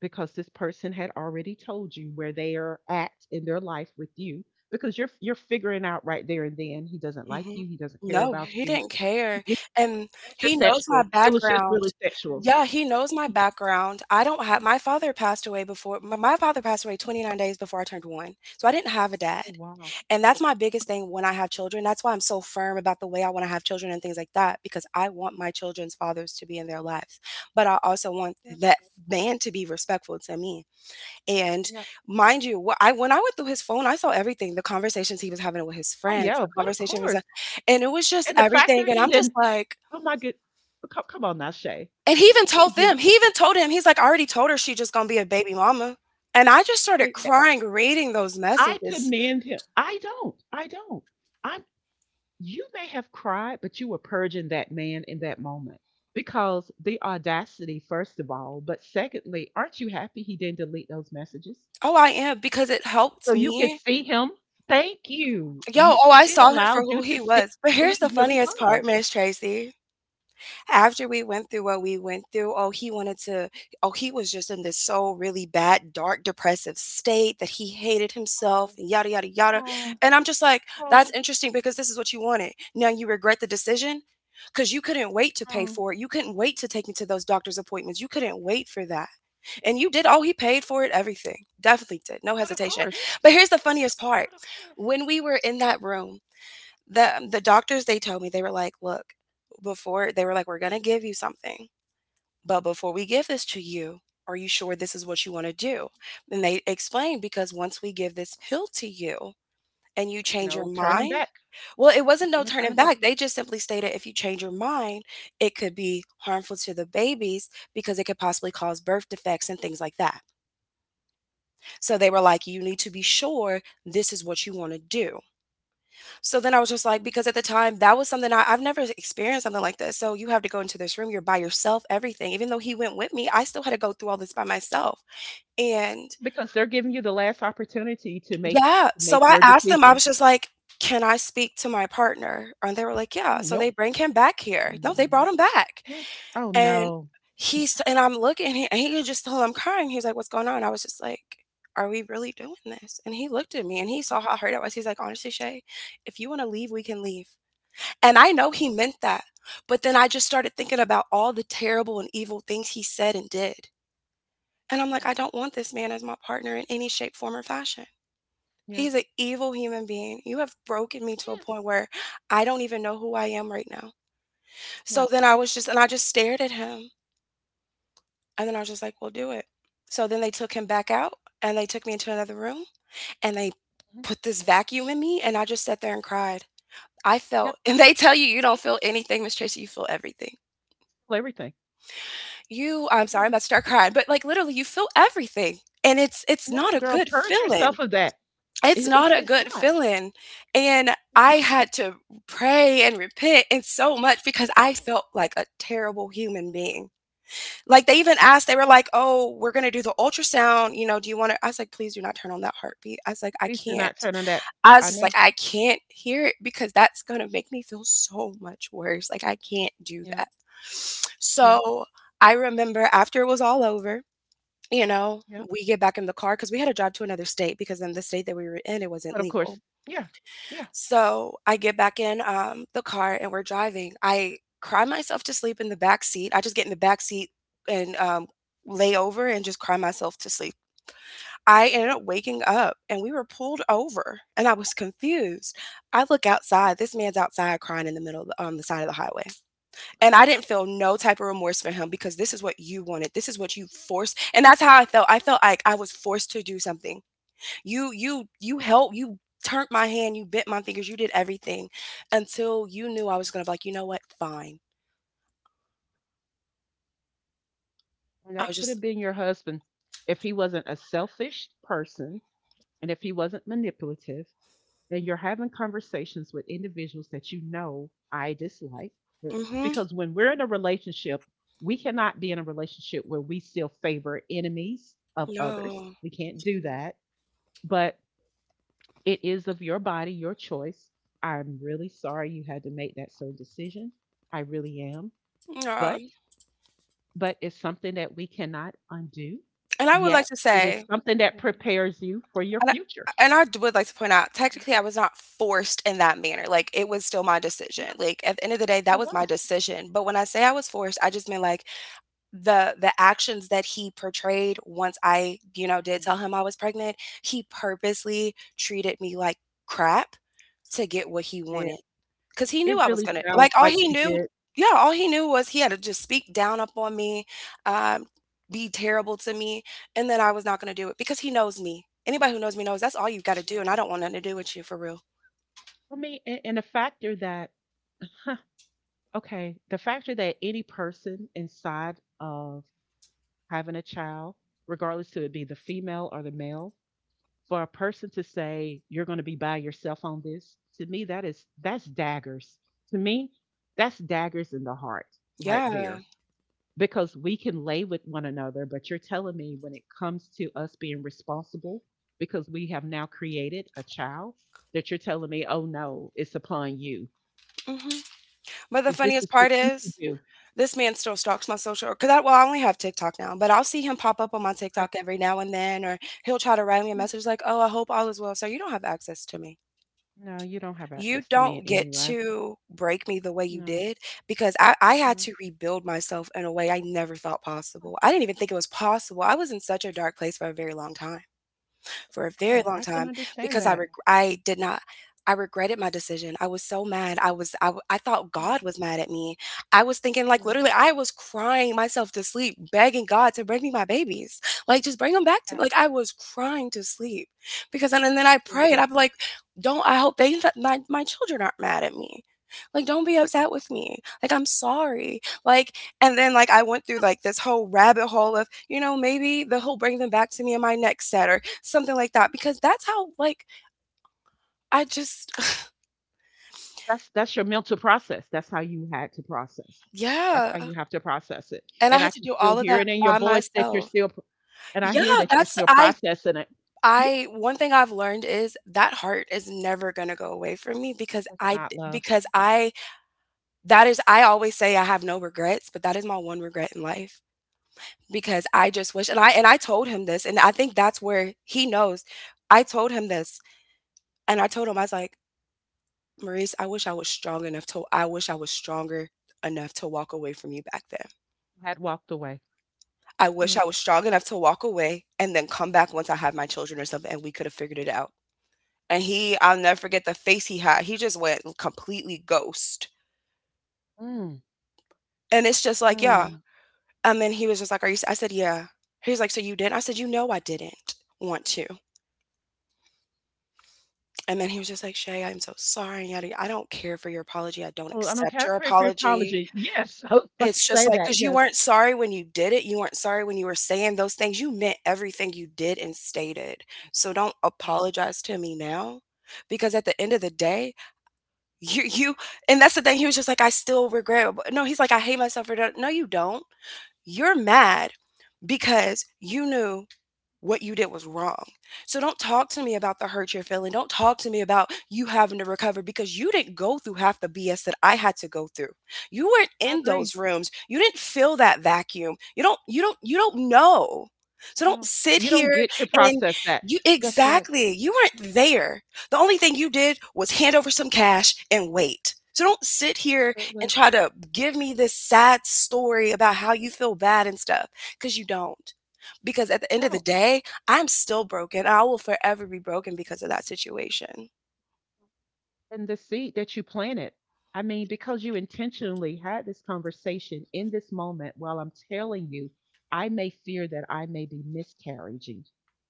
Speaker 1: because this person had already told you where they are at in their life with you because you're figuring out right there and then he doesn't like
Speaker 2: Mhm.
Speaker 1: you, he doesn't care
Speaker 2: No,
Speaker 1: about
Speaker 2: he
Speaker 1: you.
Speaker 2: didn't care,
Speaker 1: it,
Speaker 2: and
Speaker 1: it was just
Speaker 2: he knows my
Speaker 1: sexual, it was just
Speaker 2: background.
Speaker 1: really sexual. Mm.
Speaker 2: Yeah, he knows my background. I don't have My father passed away before my father passed away 29 days before I turned 1, so I didn't have a
Speaker 1: Oh
Speaker 2: dad.
Speaker 1: wow.
Speaker 2: And that's my biggest thing when I have children. That's why I'm so firm about the way I want to have children and things like that, because I want my children's fathers to be in their lives. But I also want
Speaker 1: Yeah.
Speaker 2: that man to be respectful to me. And
Speaker 1: Yeah.
Speaker 2: mind you, wh- I when I went through his phone, I saw everything, the conversations he was having with his
Speaker 1: Oh
Speaker 2: friends,
Speaker 1: yeah,
Speaker 2: the
Speaker 1: but of yeah,
Speaker 2: conversation he was
Speaker 1: course.
Speaker 2: and it was just
Speaker 1: And the fact
Speaker 2: everything.
Speaker 1: that
Speaker 2: And
Speaker 1: he
Speaker 2: I'm just
Speaker 1: didn't,
Speaker 2: like,
Speaker 1: oh my good, come, come on now Shay.
Speaker 2: and he
Speaker 1: Let,
Speaker 2: even
Speaker 1: let me
Speaker 2: told
Speaker 1: give.
Speaker 2: them, he even told him, he's like, I already told her she's just gonna be a baby mama. And I just started crying reading those
Speaker 1: I
Speaker 2: messages.
Speaker 1: commend him. I don't. I don't. I'm, you may have cried, but you were purging that man in that moment. Because the audacity, first of all, but secondly, aren't you happy he didn't delete those messages?
Speaker 2: Oh, I am, because it
Speaker 1: So
Speaker 2: helped
Speaker 1: you could
Speaker 2: me.
Speaker 1: see him. Thank you.
Speaker 2: Yo,
Speaker 1: You,
Speaker 2: oh, I
Speaker 1: it
Speaker 2: saw him for
Speaker 1: allowed you
Speaker 2: who
Speaker 1: to
Speaker 2: he
Speaker 1: see
Speaker 2: was. But
Speaker 1: who
Speaker 2: here's
Speaker 1: he
Speaker 2: the
Speaker 1: really
Speaker 2: funniest
Speaker 1: was.
Speaker 2: part, Miss Tracy. After we went through what we went through, oh, he was just in this so really bad, dark, depressive state that he hated himself and yada, yada, yada.
Speaker 1: Oh,
Speaker 2: And I'm just like, that's
Speaker 1: oh,
Speaker 2: interesting because this is what you wanted. Now you regret the decision because you couldn't wait to pay
Speaker 1: oh.
Speaker 2: for it. You couldn't wait to take me to those doctor's appointments. You couldn't wait for that. And you did. Oh, he paid for it, everything. Definitely did. No
Speaker 1: But of
Speaker 2: hesitation.
Speaker 1: course.
Speaker 2: But here's the funniest part
Speaker 1: But of course.
Speaker 2: when we were in that room, the doctors they told me they were like, "Look, before they were like, we're going to give you something, but before we give this to you, are you sure this is what you want to do?" And they explained because once we give this pill to you and you change your
Speaker 1: No turning
Speaker 2: mind,
Speaker 1: back.
Speaker 2: well, it wasn't no
Speaker 1: No
Speaker 2: turning
Speaker 1: turning back.
Speaker 2: back. They just simply stated if you change your mind, it could be harmful to the babies because it could possibly cause birth defects and things like that. So they were like, "You need to be sure this is what you want to do." So then I was just like because at the time, that was something I've never experienced something like this, so you have to go into this room, you're by yourself, everything, even though he went with me, I still had to go through all this by myself, and
Speaker 1: Because they're giving you the last opportunity to make,
Speaker 2: yeah,
Speaker 1: to
Speaker 2: so
Speaker 1: make
Speaker 2: I
Speaker 1: your
Speaker 2: asked them. I
Speaker 1: decision.
Speaker 2: was just like, "Can I speak to my partner?" And they were like, "Yeah," so
Speaker 1: No.
Speaker 2: they bring him back here. No, they
Speaker 1: Mhm.
Speaker 2: brought him back,
Speaker 1: Yeah. Oh,
Speaker 2: and
Speaker 1: no.
Speaker 2: he's and I'm looking and he could just tell I'm crying, he's like, "What's going on?" I was just like, "Are we really doing this?" And he looked at me and he saw how hurt I was, he's like, "Honestly, Shay, if you wanna leave, we can leave." And I know he meant that. But then I just started thinking about all the terrible and evil things he said and did. And I'm like,
Speaker 1: Mm,
Speaker 2: I don't want this man as my partner in any shape, form, or fashion.
Speaker 1: yeah.
Speaker 2: He's an evil human being. You have broken me to a
Speaker 1: Yes.
Speaker 2: point where I don't even know who I am right now.
Speaker 1: Yeah.
Speaker 2: So then I was just, and I just stared at him. And then I was just like, well, do it. So then they took him back out and they took me into another room and they
Speaker 1: Mhm.
Speaker 2: put this vacuum in me. And I just sat there and cried. I
Speaker 1: You have
Speaker 2: felt, and they tell you, you don't feel anything, Miss Tracy, you feel everything.
Speaker 1: everything.
Speaker 2: You I'm
Speaker 1: Yeah.
Speaker 2: sorry, I'm about to start crying, but, like, literally, you feel everything, and it's not
Speaker 1: No,
Speaker 2: a
Speaker 1: girl,
Speaker 2: good
Speaker 1: purge
Speaker 2: feeling.
Speaker 1: yourself of that.
Speaker 2: It's
Speaker 1: It, it's
Speaker 2: not a
Speaker 1: it's
Speaker 2: good
Speaker 1: not.
Speaker 2: feeling, and
Speaker 1: It's
Speaker 2: I
Speaker 1: not.
Speaker 2: had to pray and repent and so much because I felt like a terrible human being. Like, they even
Speaker 1: No.
Speaker 2: asked they were like, "Oh, we're gonna do the ultrasound, you know, do you wanna" I was like, "Please do not turn on that heartbeat." I was like, "I
Speaker 1: Please do
Speaker 2: can't."
Speaker 1: not turn on that.
Speaker 2: I was
Speaker 1: I
Speaker 2: just like,
Speaker 1: know.
Speaker 2: I can't hear it because that's gonna make me feel so much worse. Like, I can't do
Speaker 1: Yeah.
Speaker 2: that.
Speaker 1: Yeah.
Speaker 2: So I remember after it was all over, you know,
Speaker 1: Yeah.
Speaker 2: we get back in the car because we had to drive to another state because in the state that we were in, it wasn't
Speaker 1: But of course,
Speaker 2: legal.
Speaker 1: yeah. Yeah.
Speaker 2: So I get back in the car and we're driving. I cry myself to sleep in the back seat. I just get in the back seat and lay over and just cry myself to sleep. I ended up waking up and we were pulled over and I was confused. I look outside, this man's outside crying in the middle of the, on the side of the highway. And
Speaker 1: Of
Speaker 2: I
Speaker 1: course.
Speaker 2: didn't feel no type of remorse for him because this is what you wanted. This is what you forced. And that's how I felt. I felt like I was forced to do something. You helped, you turned my hand, you bent my fingers, you did everything until you knew I was going to be like, "You know what? Fine."
Speaker 1: And
Speaker 2: I
Speaker 1: that
Speaker 2: was
Speaker 1: could
Speaker 2: just
Speaker 1: have been your husband if he wasn't a selfish person and if he wasn't manipulative and you're having conversations with individuals that you know I dislike. Yeah.
Speaker 2: Mhm.
Speaker 1: Because when we're in a relationship, we cannot be in a relationship where we still favor enemies of others.
Speaker 2: No.
Speaker 1: We can't do that. But it is of your body, your choice. I'm really sorry you had to make that certain decision. I really am.
Speaker 2: No.
Speaker 1: But but it's something that we cannot undo.
Speaker 2: And I would like
Speaker 1: Yet
Speaker 2: to
Speaker 1: it is
Speaker 2: say
Speaker 1: something that, right, prepares you for your
Speaker 2: And I
Speaker 1: future.
Speaker 2: and I would like to point out, technically, I was not forced in that manner, like, it was still my decision,
Speaker 1: Yeah,
Speaker 2: like, at the end of the day,
Speaker 1: it
Speaker 2: that was my
Speaker 1: was.
Speaker 2: decision, but when I say I was forced, I just mean like, the actions that he portrayed once I, you know, did tell him I was pregnant, he purposely treated me like crap to get what he
Speaker 1: Yeah.
Speaker 2: wanted because he knew
Speaker 1: It
Speaker 2: I was
Speaker 1: really
Speaker 2: gonna
Speaker 1: sounds
Speaker 2: like all
Speaker 1: like
Speaker 2: he
Speaker 1: he
Speaker 2: knew,
Speaker 1: did.
Speaker 2: yeah, all he knew was he had to just speak down up on me, um, be terrible to me, and that I was not gonna do it because he knows me. Anybody who knows me knows that's all you've got to do,
Speaker 1: Yeah.
Speaker 2: and I don't want nothing to do with you for real.
Speaker 1: I mean, and the factor that, huh, okay, the factor that any person inside of having a child, regardless to it be the female or the male, for a person to say you're going to be by yourself on this, to me that is that's daggers. To me, that's daggers in the heart right
Speaker 2: Yeah.
Speaker 1: there. Because we can lay with one another, but you're telling me when it comes to us being responsible because we have now created a child, that you're telling me, oh no, it's upon you.
Speaker 2: Hmm. But the
Speaker 1: That this
Speaker 2: funniest
Speaker 1: is for
Speaker 2: part
Speaker 1: you to
Speaker 2: is
Speaker 1: do.
Speaker 2: this man still stalks my social because I well I only have TikTok now, but I'll see him pop up on my
Speaker 1: Okay.
Speaker 2: TikTok every now and then, or he'll try to write me a
Speaker 1: "Mm,
Speaker 2: message like, "Oh, I hope all is well, so you don't have access to me."
Speaker 1: no, you don't have
Speaker 2: You
Speaker 1: access to me
Speaker 2: don't
Speaker 1: in any
Speaker 2: get
Speaker 1: way.
Speaker 2: to break me the way you
Speaker 1: No,
Speaker 2: did because I had
Speaker 1: no,
Speaker 2: to rebuild myself in a way I never thought possible. I didn't even think it was possible. I was in such a dark place for a very long time for a very
Speaker 1: girl,
Speaker 2: long
Speaker 1: I can
Speaker 2: time
Speaker 1: understand
Speaker 2: because
Speaker 1: that.
Speaker 2: I did not I regretted my decision. I was so mad. I thought God
Speaker 1: Mm,
Speaker 2: was mad at me. I was thinking like
Speaker 1: no,
Speaker 2: literally I was crying myself to sleep begging God to bring me my babies. Like just bring them back to
Speaker 1: yeah,
Speaker 2: me. Like I was crying to sleep because and then I prayed.
Speaker 1: absolutely.
Speaker 2: I'm like don't I hope they my children aren't mad at me. Like don't be upset with me. Like I'm sorry. Like and then like I went through like this whole rabbit hole of, you know, maybe the he'll bring them back to me in my next set something like that because that's how like I just
Speaker 1: That's your mental process. That's how you had to process. That's
Speaker 2: yeah,
Speaker 1: how you have to process it.
Speaker 2: and I
Speaker 1: And I
Speaker 2: had to
Speaker 1: can
Speaker 2: do
Speaker 1: still
Speaker 2: all of
Speaker 1: hear
Speaker 2: that
Speaker 1: it in your
Speaker 2: by
Speaker 1: voice that you're
Speaker 2: myself.
Speaker 1: still, and I hear
Speaker 2: Yeah,
Speaker 1: that you're
Speaker 2: that's
Speaker 1: still processing it. Yeah,
Speaker 2: I one thing I've learned is that heart is never gonna go away from me because
Speaker 1: that's
Speaker 2: I.
Speaker 1: not love.
Speaker 2: Because I that is I always say I have no regrets, but that is my one regret in life because I just wish and I told him this and I think that's where he knows. I told him this and I told him I was like, Maurice, I wish I was strong enough to I wish I was stronger enough to walk away from you back then.
Speaker 1: I had walked away.
Speaker 2: I wish
Speaker 1: Yeah.
Speaker 2: I was strong enough to walk away and then come back once I had my children or something and we could have figured it out. And he I'll never forget the face he had. He just went completely ghost.
Speaker 1: Mm,
Speaker 2: And it's just like, "Yeah."
Speaker 1: mm.
Speaker 2: And then he was just like, "Are you s" I said, "Yeah." He was like, "So you didn't?" I said, "You know I didn't want to." And then he was just like, "Shay, I'm so sorry, yada, yada. I don't care for your apology. I don't
Speaker 1: Oh, I don't
Speaker 2: accept
Speaker 1: care
Speaker 2: your
Speaker 1: for your
Speaker 2: apology."
Speaker 1: apology. Yes, I was about to
Speaker 2: It's just
Speaker 1: say
Speaker 2: like,
Speaker 1: that.
Speaker 2: cause you
Speaker 1: Yes.
Speaker 2: weren't sorry when you did it, you weren't sorry when you were saying those things, you meant everything you did and stated, so don't
Speaker 1: Yeah,
Speaker 2: apologize to me now, because at the end of the day, you and that's the thing, he was just like, "I still regret" no, he's like, "I hate myself for that." No, you don't. You're mad because you knew what you did was wrong. So don't talk to me about the hurt you're feeling. Don't talk to me about you having to recover because you didn't go through half the BS that I had to go through. You weren't
Speaker 1: I
Speaker 2: in
Speaker 1: agree.
Speaker 2: those rooms. You didn't feel that vacuum. You don't know. So don't
Speaker 1: No,
Speaker 2: sit
Speaker 1: you don't
Speaker 2: here
Speaker 1: get to
Speaker 2: and
Speaker 1: process that.
Speaker 2: you
Speaker 1: That's right.
Speaker 2: exactly, you weren't there. The only thing you did was hand over some cash and wait. So don't sit here and
Speaker 1: Absolutely.
Speaker 2: try to give me this sad story about how you feel bad and stuff because you don't. Because at the end of the
Speaker 1: No.
Speaker 2: day, I'm still broken. I will forever be broken because of that situation.
Speaker 1: And the seed that you planted, I mean, because you intentionally had this conversation in this moment while I'm telling you, I may fear that I may be miscarriaging.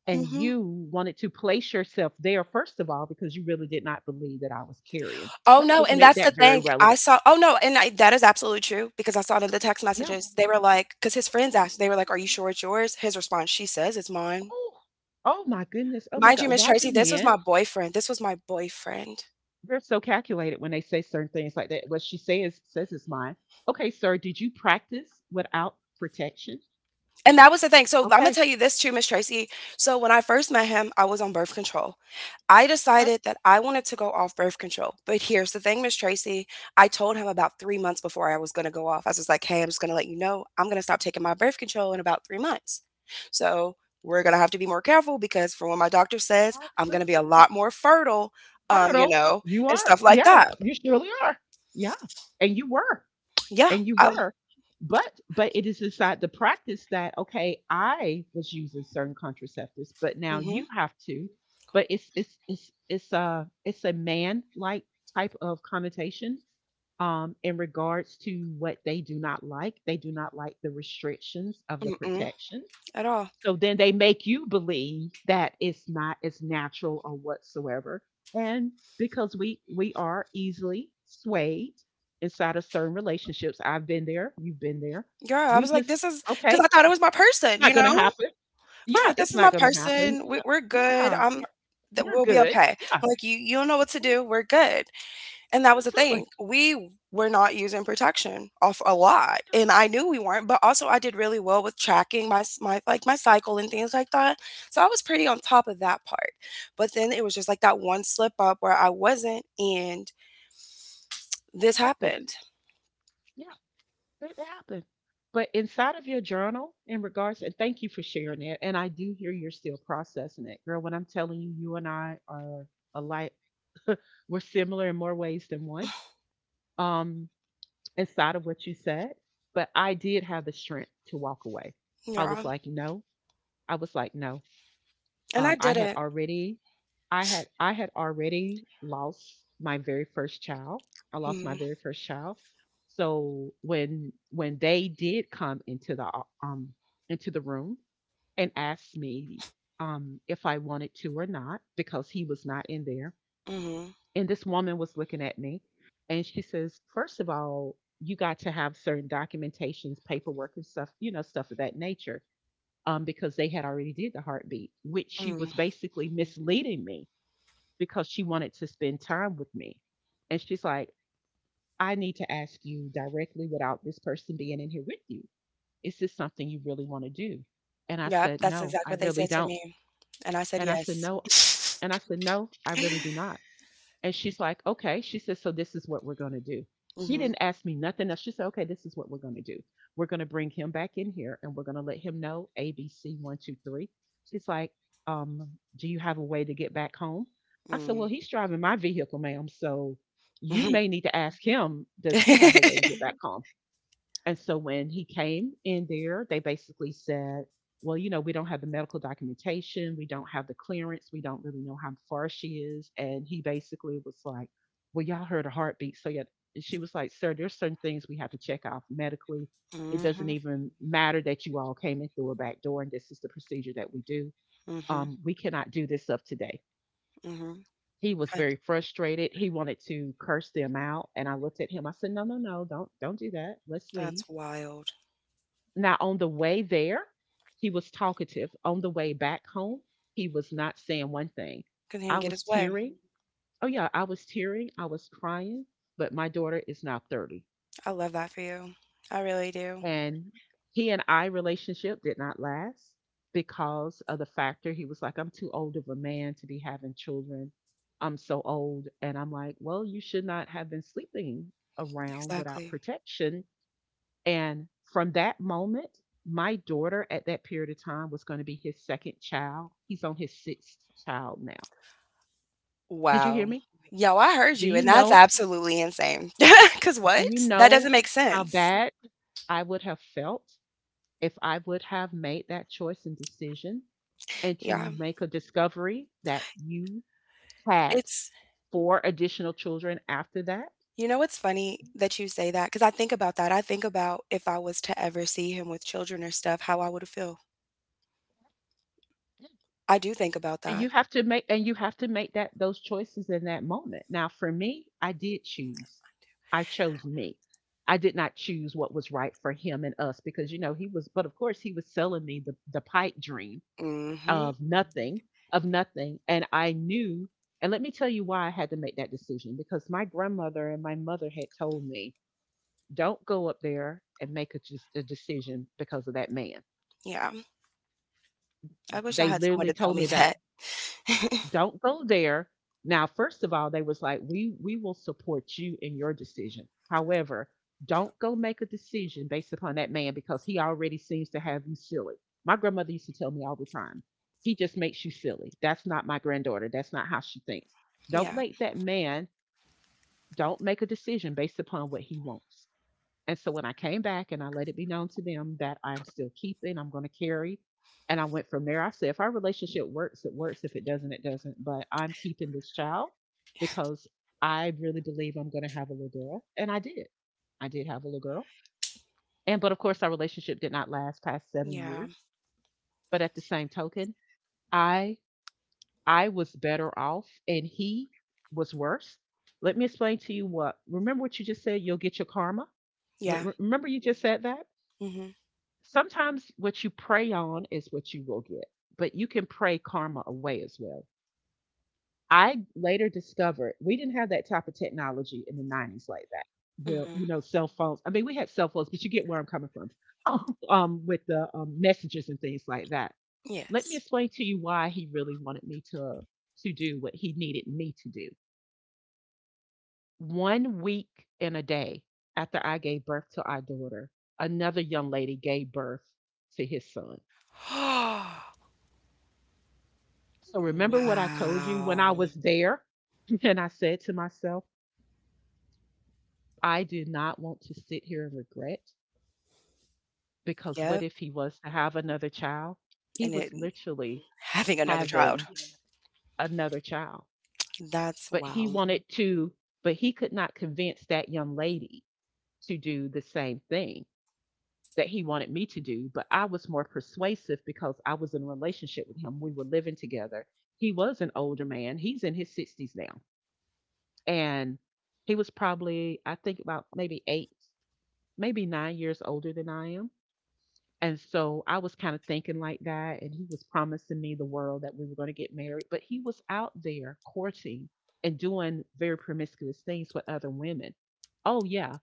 Speaker 1: And
Speaker 2: Mhm.
Speaker 1: you wanted to place yourself there, first of all, because you really did not believe that I was carrying.
Speaker 2: Oh,
Speaker 1: Let's
Speaker 2: no,
Speaker 1: just
Speaker 2: and
Speaker 1: make
Speaker 2: that's the
Speaker 1: that very
Speaker 2: thing. I
Speaker 1: relevant.
Speaker 2: saw oh, no, and I that is absolutely true because I saw it in the text
Speaker 1: Yeah.
Speaker 2: messages. They were like, because his friends
Speaker 1: Yeah,
Speaker 2: asked, they were like,
Speaker 1: yeah.
Speaker 2: "Are you sure it's yours?" His response, "She says it's mine."
Speaker 1: Oh, oh my goodness. Oh my
Speaker 2: Mind you,
Speaker 1: God.
Speaker 2: Miss
Speaker 1: Why do
Speaker 2: Tracy, this was my
Speaker 1: men?
Speaker 2: boyfriend. This was my boyfriend.
Speaker 1: They're so calculated when they say certain things like that. What she says says is mine. Okay, sir, did you practice without protection?
Speaker 2: And that was the thing. So I'm gonna tell you this too, Miss Tracy. So when I first met him, I was on birth control. I
Speaker 1: Uh,
Speaker 2: decided that I wanted to go off birth control. But here's the thing, Miss Tracy. I told him about 3 months before I was gonna go off. I was just like, hey, I'm just gonna let you know I'm gonna stop taking my birth control in about 3 months. So we're gonna have to be more careful because from what my doctor says, I'm gonna be a
Speaker 1: Absolutely.
Speaker 2: lot more fertile, you
Speaker 1: Fertile.
Speaker 2: know,
Speaker 1: You
Speaker 2: and
Speaker 1: are.
Speaker 2: stuff like
Speaker 1: Yeah,
Speaker 2: that.
Speaker 1: you surely are. Yeah. And you were.
Speaker 2: Yeah.
Speaker 1: And you
Speaker 2: I,
Speaker 1: were. But it is inside the practice that okay, I was using certain contraceptives, but now
Speaker 2: mm-hmm,
Speaker 1: you have to. But it's it's a it's a man like type of connotation in regards to what they do not like. They do not like the restrictions of the
Speaker 2: mm-mm,
Speaker 1: protection.
Speaker 2: at all.
Speaker 1: So then they make you believe that it's not as natural or whatsoever. And because we are easily swayed inside of certain relationships. I've been there, you've been there.
Speaker 2: Yeah, I
Speaker 1: We
Speaker 2: was like,
Speaker 1: just
Speaker 2: this is
Speaker 1: okay,
Speaker 2: because I thought it was my
Speaker 1: it's
Speaker 2: person,
Speaker 1: not
Speaker 2: you know?
Speaker 1: gonna happen. Yeah,
Speaker 2: Right,
Speaker 1: it's
Speaker 2: this is
Speaker 1: not
Speaker 2: my
Speaker 1: gonna happen.
Speaker 2: person. We
Speaker 1: Yeah,
Speaker 2: we're good.
Speaker 1: yeah,
Speaker 2: I'm
Speaker 1: yeah.
Speaker 2: that
Speaker 1: We're
Speaker 2: we'll be
Speaker 1: good.
Speaker 2: okay.
Speaker 1: Yeah,
Speaker 2: Like you don't know what to
Speaker 1: yeah,
Speaker 2: do. We're good. And that was the thing.
Speaker 1: absolutely.
Speaker 2: We were not using protection off a lot. And I knew we weren't, but also I did really well with tracking my like my cycle and things like that. So I was pretty on top of that part. But then it was just like that one slip up where I wasn't and
Speaker 1: It
Speaker 2: this
Speaker 1: happened.
Speaker 2: happened.
Speaker 1: Yeah. It happened. But inside of your journal, in regards, and thank you for sharing it. And I do hear you're still processing it, girl. When I'm telling you, you and I are alike. We're similar in more ways than one. Um, inside of what you said, but I did have the strength to walk away. I was
Speaker 2: Yeah.
Speaker 1: like, no. I was like, no.
Speaker 2: And I
Speaker 1: I
Speaker 2: did
Speaker 1: had
Speaker 2: it.
Speaker 1: already, I had already lost my very first child. I lost my
Speaker 2: Mm,
Speaker 1: very first child. So when they did come into the into the room and asked me if I wanted to or not because he was not in there,
Speaker 2: mhm.
Speaker 1: and this woman was looking at me, and she says, first of all, you got to have certain documentations, paperwork, and stuff, you know, stuff of that nature, because they had already did the heartbeat, which she
Speaker 2: Mm.
Speaker 1: was basically misleading me because she wanted to spend time with me. And she's like, I need to ask you directly without this person being in here with you. Is this something you really want to do? And I
Speaker 2: Yep,
Speaker 1: said,
Speaker 2: that's
Speaker 1: no, I
Speaker 2: exactly what they
Speaker 1: really
Speaker 2: said to
Speaker 1: don't.
Speaker 2: me. And I said
Speaker 1: And I said,
Speaker 2: yes.
Speaker 1: no. And I said, no, I really do not. And she's like, okay. She says, so this is what we're going to do. She
Speaker 2: Mhm.
Speaker 1: didn't ask me nothing else. She said, okay, this is what we're going to do. We're going to bring him back in here and we're going to let him know ABC one, two, three. She's like, um, do you have a way to get back home? I said,
Speaker 2: Mm.
Speaker 1: well, he's driving my vehicle, ma'am. So you may need to ask him, does he have a way to get back home? And so when he came in there, they basically said, well, you know, we don't have the medical documentation, we don't have the clearance, we don't really know how far she is. And he basically was like, well, y'all heard a heartbeat. So yeah, she was like, sir, there's certain things we have to check off medically. It doesn't
Speaker 2: Mhm.
Speaker 1: even matter that you all came in through a back door and this is the procedure that we do.
Speaker 2: Mhm, mhm,
Speaker 1: We cannot do this up today.
Speaker 2: mhm.
Speaker 1: He was
Speaker 2: Huh,
Speaker 1: very frustrated. He wanted to curse them out. And I looked at him. I said, no, no, no, don't do that. Let's leave.
Speaker 2: that's wild.
Speaker 1: Now, on the way there, he was talkative. On the way back home, he was not saying one thing.
Speaker 2: 'Cause he
Speaker 1: I
Speaker 2: didn't get
Speaker 1: was
Speaker 2: his way.
Speaker 1: tearing. Oh, yeah, I was tearing. I was crying. But my daughter is now 30.
Speaker 2: I love that for you. I really do.
Speaker 1: And he and I relationship did not last because of the factor. He was like, I'm too old of a man to be having children. I'm so old. And I'm like, well, you should not have been sleeping around without
Speaker 2: Exactly.
Speaker 1: protection. And from that moment, my daughter at that period of time was going to be his second child. He's on his sixth child now. Did you hear
Speaker 2: Wow.
Speaker 1: me?
Speaker 2: Yo, I heard
Speaker 1: Do
Speaker 2: you,
Speaker 1: you
Speaker 2: and that's
Speaker 1: know?
Speaker 2: absolutely insane. Cause
Speaker 1: Do you
Speaker 2: what? That
Speaker 1: know
Speaker 2: doesn't make
Speaker 1: how
Speaker 2: sense.
Speaker 1: bad I would have felt if I would have made that choice and decision and
Speaker 2: Yeah.
Speaker 1: to make a discovery that you had
Speaker 2: It's
Speaker 1: four additional children after that?
Speaker 2: you know, it's funny that you say that. Cause I think about that. I think about if I was to ever see him with children or stuff, how I would feel. I do think about that.
Speaker 1: You have to make, and you have to make that those choices in that moment. Now for me, I did choose. I chose me. I did not choose what was right for him and us because, you know, he was, but of course he was selling me the pipe dream
Speaker 2: Mm. Mhm.
Speaker 1: of nothing, of nothing. And I knew, and let me tell you why I had to make that decision, because my grandmother and my mother had told me, don't go up there and make a, just a decision because of that man.
Speaker 2: Yeah. I wish I
Speaker 1: They
Speaker 2: had someone
Speaker 1: literally
Speaker 2: to tell
Speaker 1: told
Speaker 2: me
Speaker 1: me that.
Speaker 2: that.
Speaker 1: Don't go there. Now, first of all, they was like, we will support you in your decision. However, don't go make a decision based upon that man because he already seems to have you silly. My grandmother used to tell me all the time, he just makes you silly. That's not my granddaughter. That's not how she thinks. Don't
Speaker 2: Yeah.
Speaker 1: let that man. Don't make a decision based upon what he wants. And so when I came back and I let it be known to them that I'm still keeping, I'm going to carry. And I went from there. I said, if our relationship works, it works. If it doesn't, it doesn't. But I'm keeping this child because I really believe I'm going to have a little girl. And I did. I did have a little girl. And, but of course, our relationship did not last past seven
Speaker 2: Yeah.
Speaker 1: years. But at the same token, I, I was better off and he was worse. Let me explain to you what, remember what you just said? You'll get your karma.
Speaker 2: Yeah.
Speaker 1: Remember you just said that?
Speaker 2: Mhm.
Speaker 1: Sometimes what you pray on is what you will get, but you can pray karma away as well. I later discovered we didn't have that type of technology in the 90s like that. Well, you
Speaker 2: Mhm.
Speaker 1: know, cell phones. I mean, we had cell phones, but you get where I'm coming from with the messages and things like that. Let me
Speaker 2: Yes.
Speaker 1: explain to you why he really wanted me to do what he needed me to do. 1 week and a day after I gave birth to our daughter, another young lady gave birth to his son. So remember what I told you when I
Speaker 2: Wow.
Speaker 1: was there? And I said to myself, I do not want to sit here and regret because what
Speaker 2: Yep,
Speaker 1: if he was to have another child? He
Speaker 2: and it
Speaker 1: was literally
Speaker 2: having another child.
Speaker 1: having another child,
Speaker 2: That's
Speaker 1: but he
Speaker 2: wow.
Speaker 1: wanted to, but he could not convince that young lady to do the same thing that he wanted me to do. But I was more persuasive because I was in a relationship with him. We were living together. He was an older man, he's in his 60s now. And he was probably, I think, about maybe 8, maybe 9 years older than I am. And so I was kind of thinking like that. And he was promising me the world that we were going to get married. But he was out there courting and doing very promiscuous things with other women. Oh, yeah.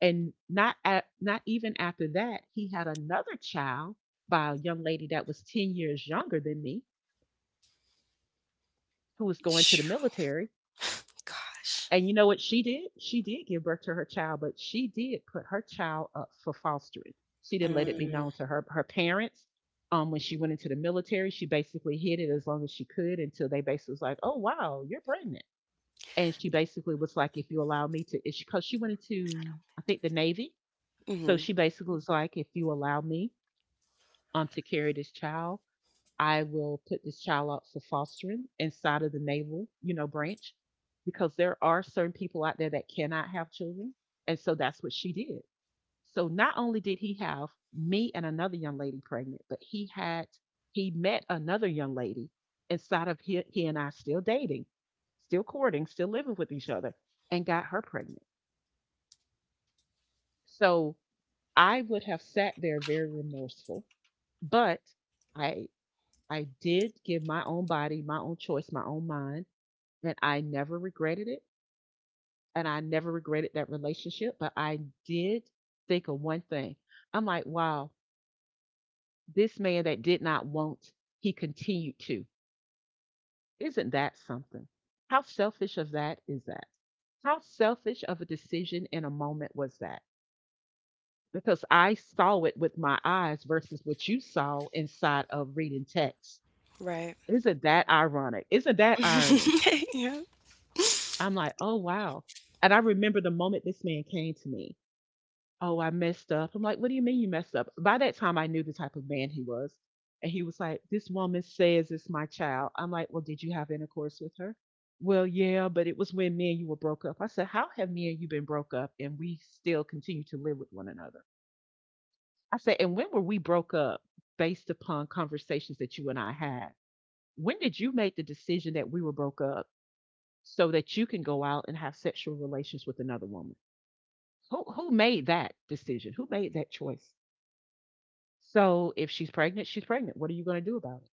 Speaker 1: And not even after that, he had another child by a young lady that was 10 years younger than me who was going to the
Speaker 2: Phew,
Speaker 1: military.
Speaker 2: gosh.
Speaker 1: And you know what she did? She did give birth to her child, but she did put her child up for fostering. She didn't let it be
Speaker 2: Mm.
Speaker 1: known to her parents. When she went into the military, she basically hid it as long as she could until they basically was like, "Oh wow, you're pregnant." And she basically was like, "If you allow me to," because she went into I think the Navy,
Speaker 2: Mm.
Speaker 1: so
Speaker 2: Mhm.
Speaker 1: she basically was like, "If you allow me to carry this child, I will put this child up for fostering inside of the naval, you know, branch because there are certain people out there that cannot have children. And so that's what she did. So not only did he have me and another young lady pregnant, but he had he met another young lady inside of he and I still dating, still courting, still living with each other, and got her pregnant. So I would have sat there very remorseful, but I I did give my own body, my own choice, my own mind, and I never regretted it. And I never regretted that relationship, but I did think of one thing. I'm like, wow, this man that did not want, he continued to. Isn't that something? How selfish of that is that? How selfish of a decision in a moment was that? Because I saw it with my eyes versus what you saw inside of reading text.
Speaker 2: Right.
Speaker 1: Isn't that ironic? Isn't that irony?
Speaker 2: Yeah.
Speaker 1: I'm like, oh wow. And I remember the moment this man came to me. Oh, I messed up. I'm like, what do you mean you messed up? By that time, I knew the type of man he was. And he was like, this woman says it's my child. I'm like, well, did you have intercourse with her? Well, yeah, but it was when me and you were broke up. I said, how have me and you been broke up and we still continue to live with one another? I said, and when were we broke up based upon conversations that you and I had? When did you make the decision that we were broke up so that you can go out and have sexual relations with another woman. Who made that decision? Who made that choice? So if she's pregnant, she's pregnant. What are you going to do about it?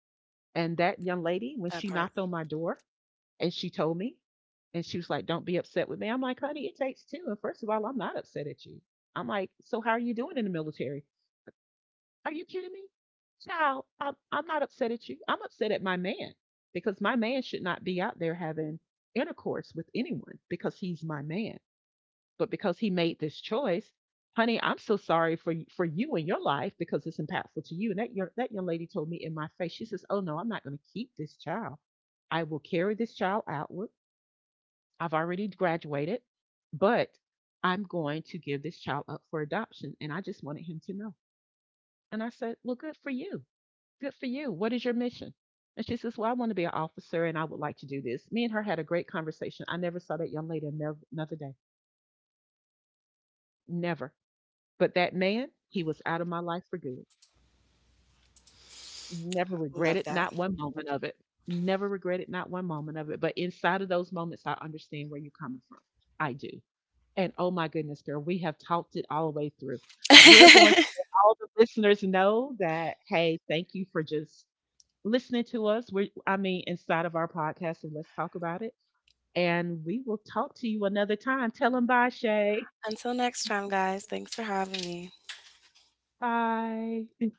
Speaker 1: And that young lady, when
Speaker 2: That
Speaker 1: she
Speaker 2: part.
Speaker 1: knocked on my door and she told me, and she was like, "Don't be upset with me." I'm like, "Honey, it takes two. And first of all, I'm not upset at you. I'm like, so how are you doing in the military? Are you kidding me, child? I'm not upset at you. I'm upset at my man because my man should not be out there having intercourse with anyone because he's my man. But because he made this choice, honey, I'm so sorry for you and your life because it's impactful to you. And that young lady told me in my face, she says, "Oh no, I'm not going to keep this child. I will carry this child outward. I've already graduated, but I'm going to give this child up for adoption." And I just wanted him to know. And I said, "Well, good for you. Good for you. What is your mission?" And she says, "Well, I want to be an officer, and I would like to do this." Me and her had a great conversation. I never saw that young lady another day. Never. But that man, he was out of my life for good. Never
Speaker 2: Love
Speaker 1: regretted
Speaker 2: that.
Speaker 1: not one moment of it. Never regretted not one moment of it. But inside of those moments, I understand where you're coming from. I do. And oh my goodness, girl, we have talked it all the way through. We're going to let all the listeners know that, hey, thank you for just listening to us. We're, I mean, inside of our podcast, and let's talk about it. And we will talk to you another time. Tell them bye, Shay.
Speaker 2: Until next time, guys. Thanks for having me.
Speaker 1: Bye.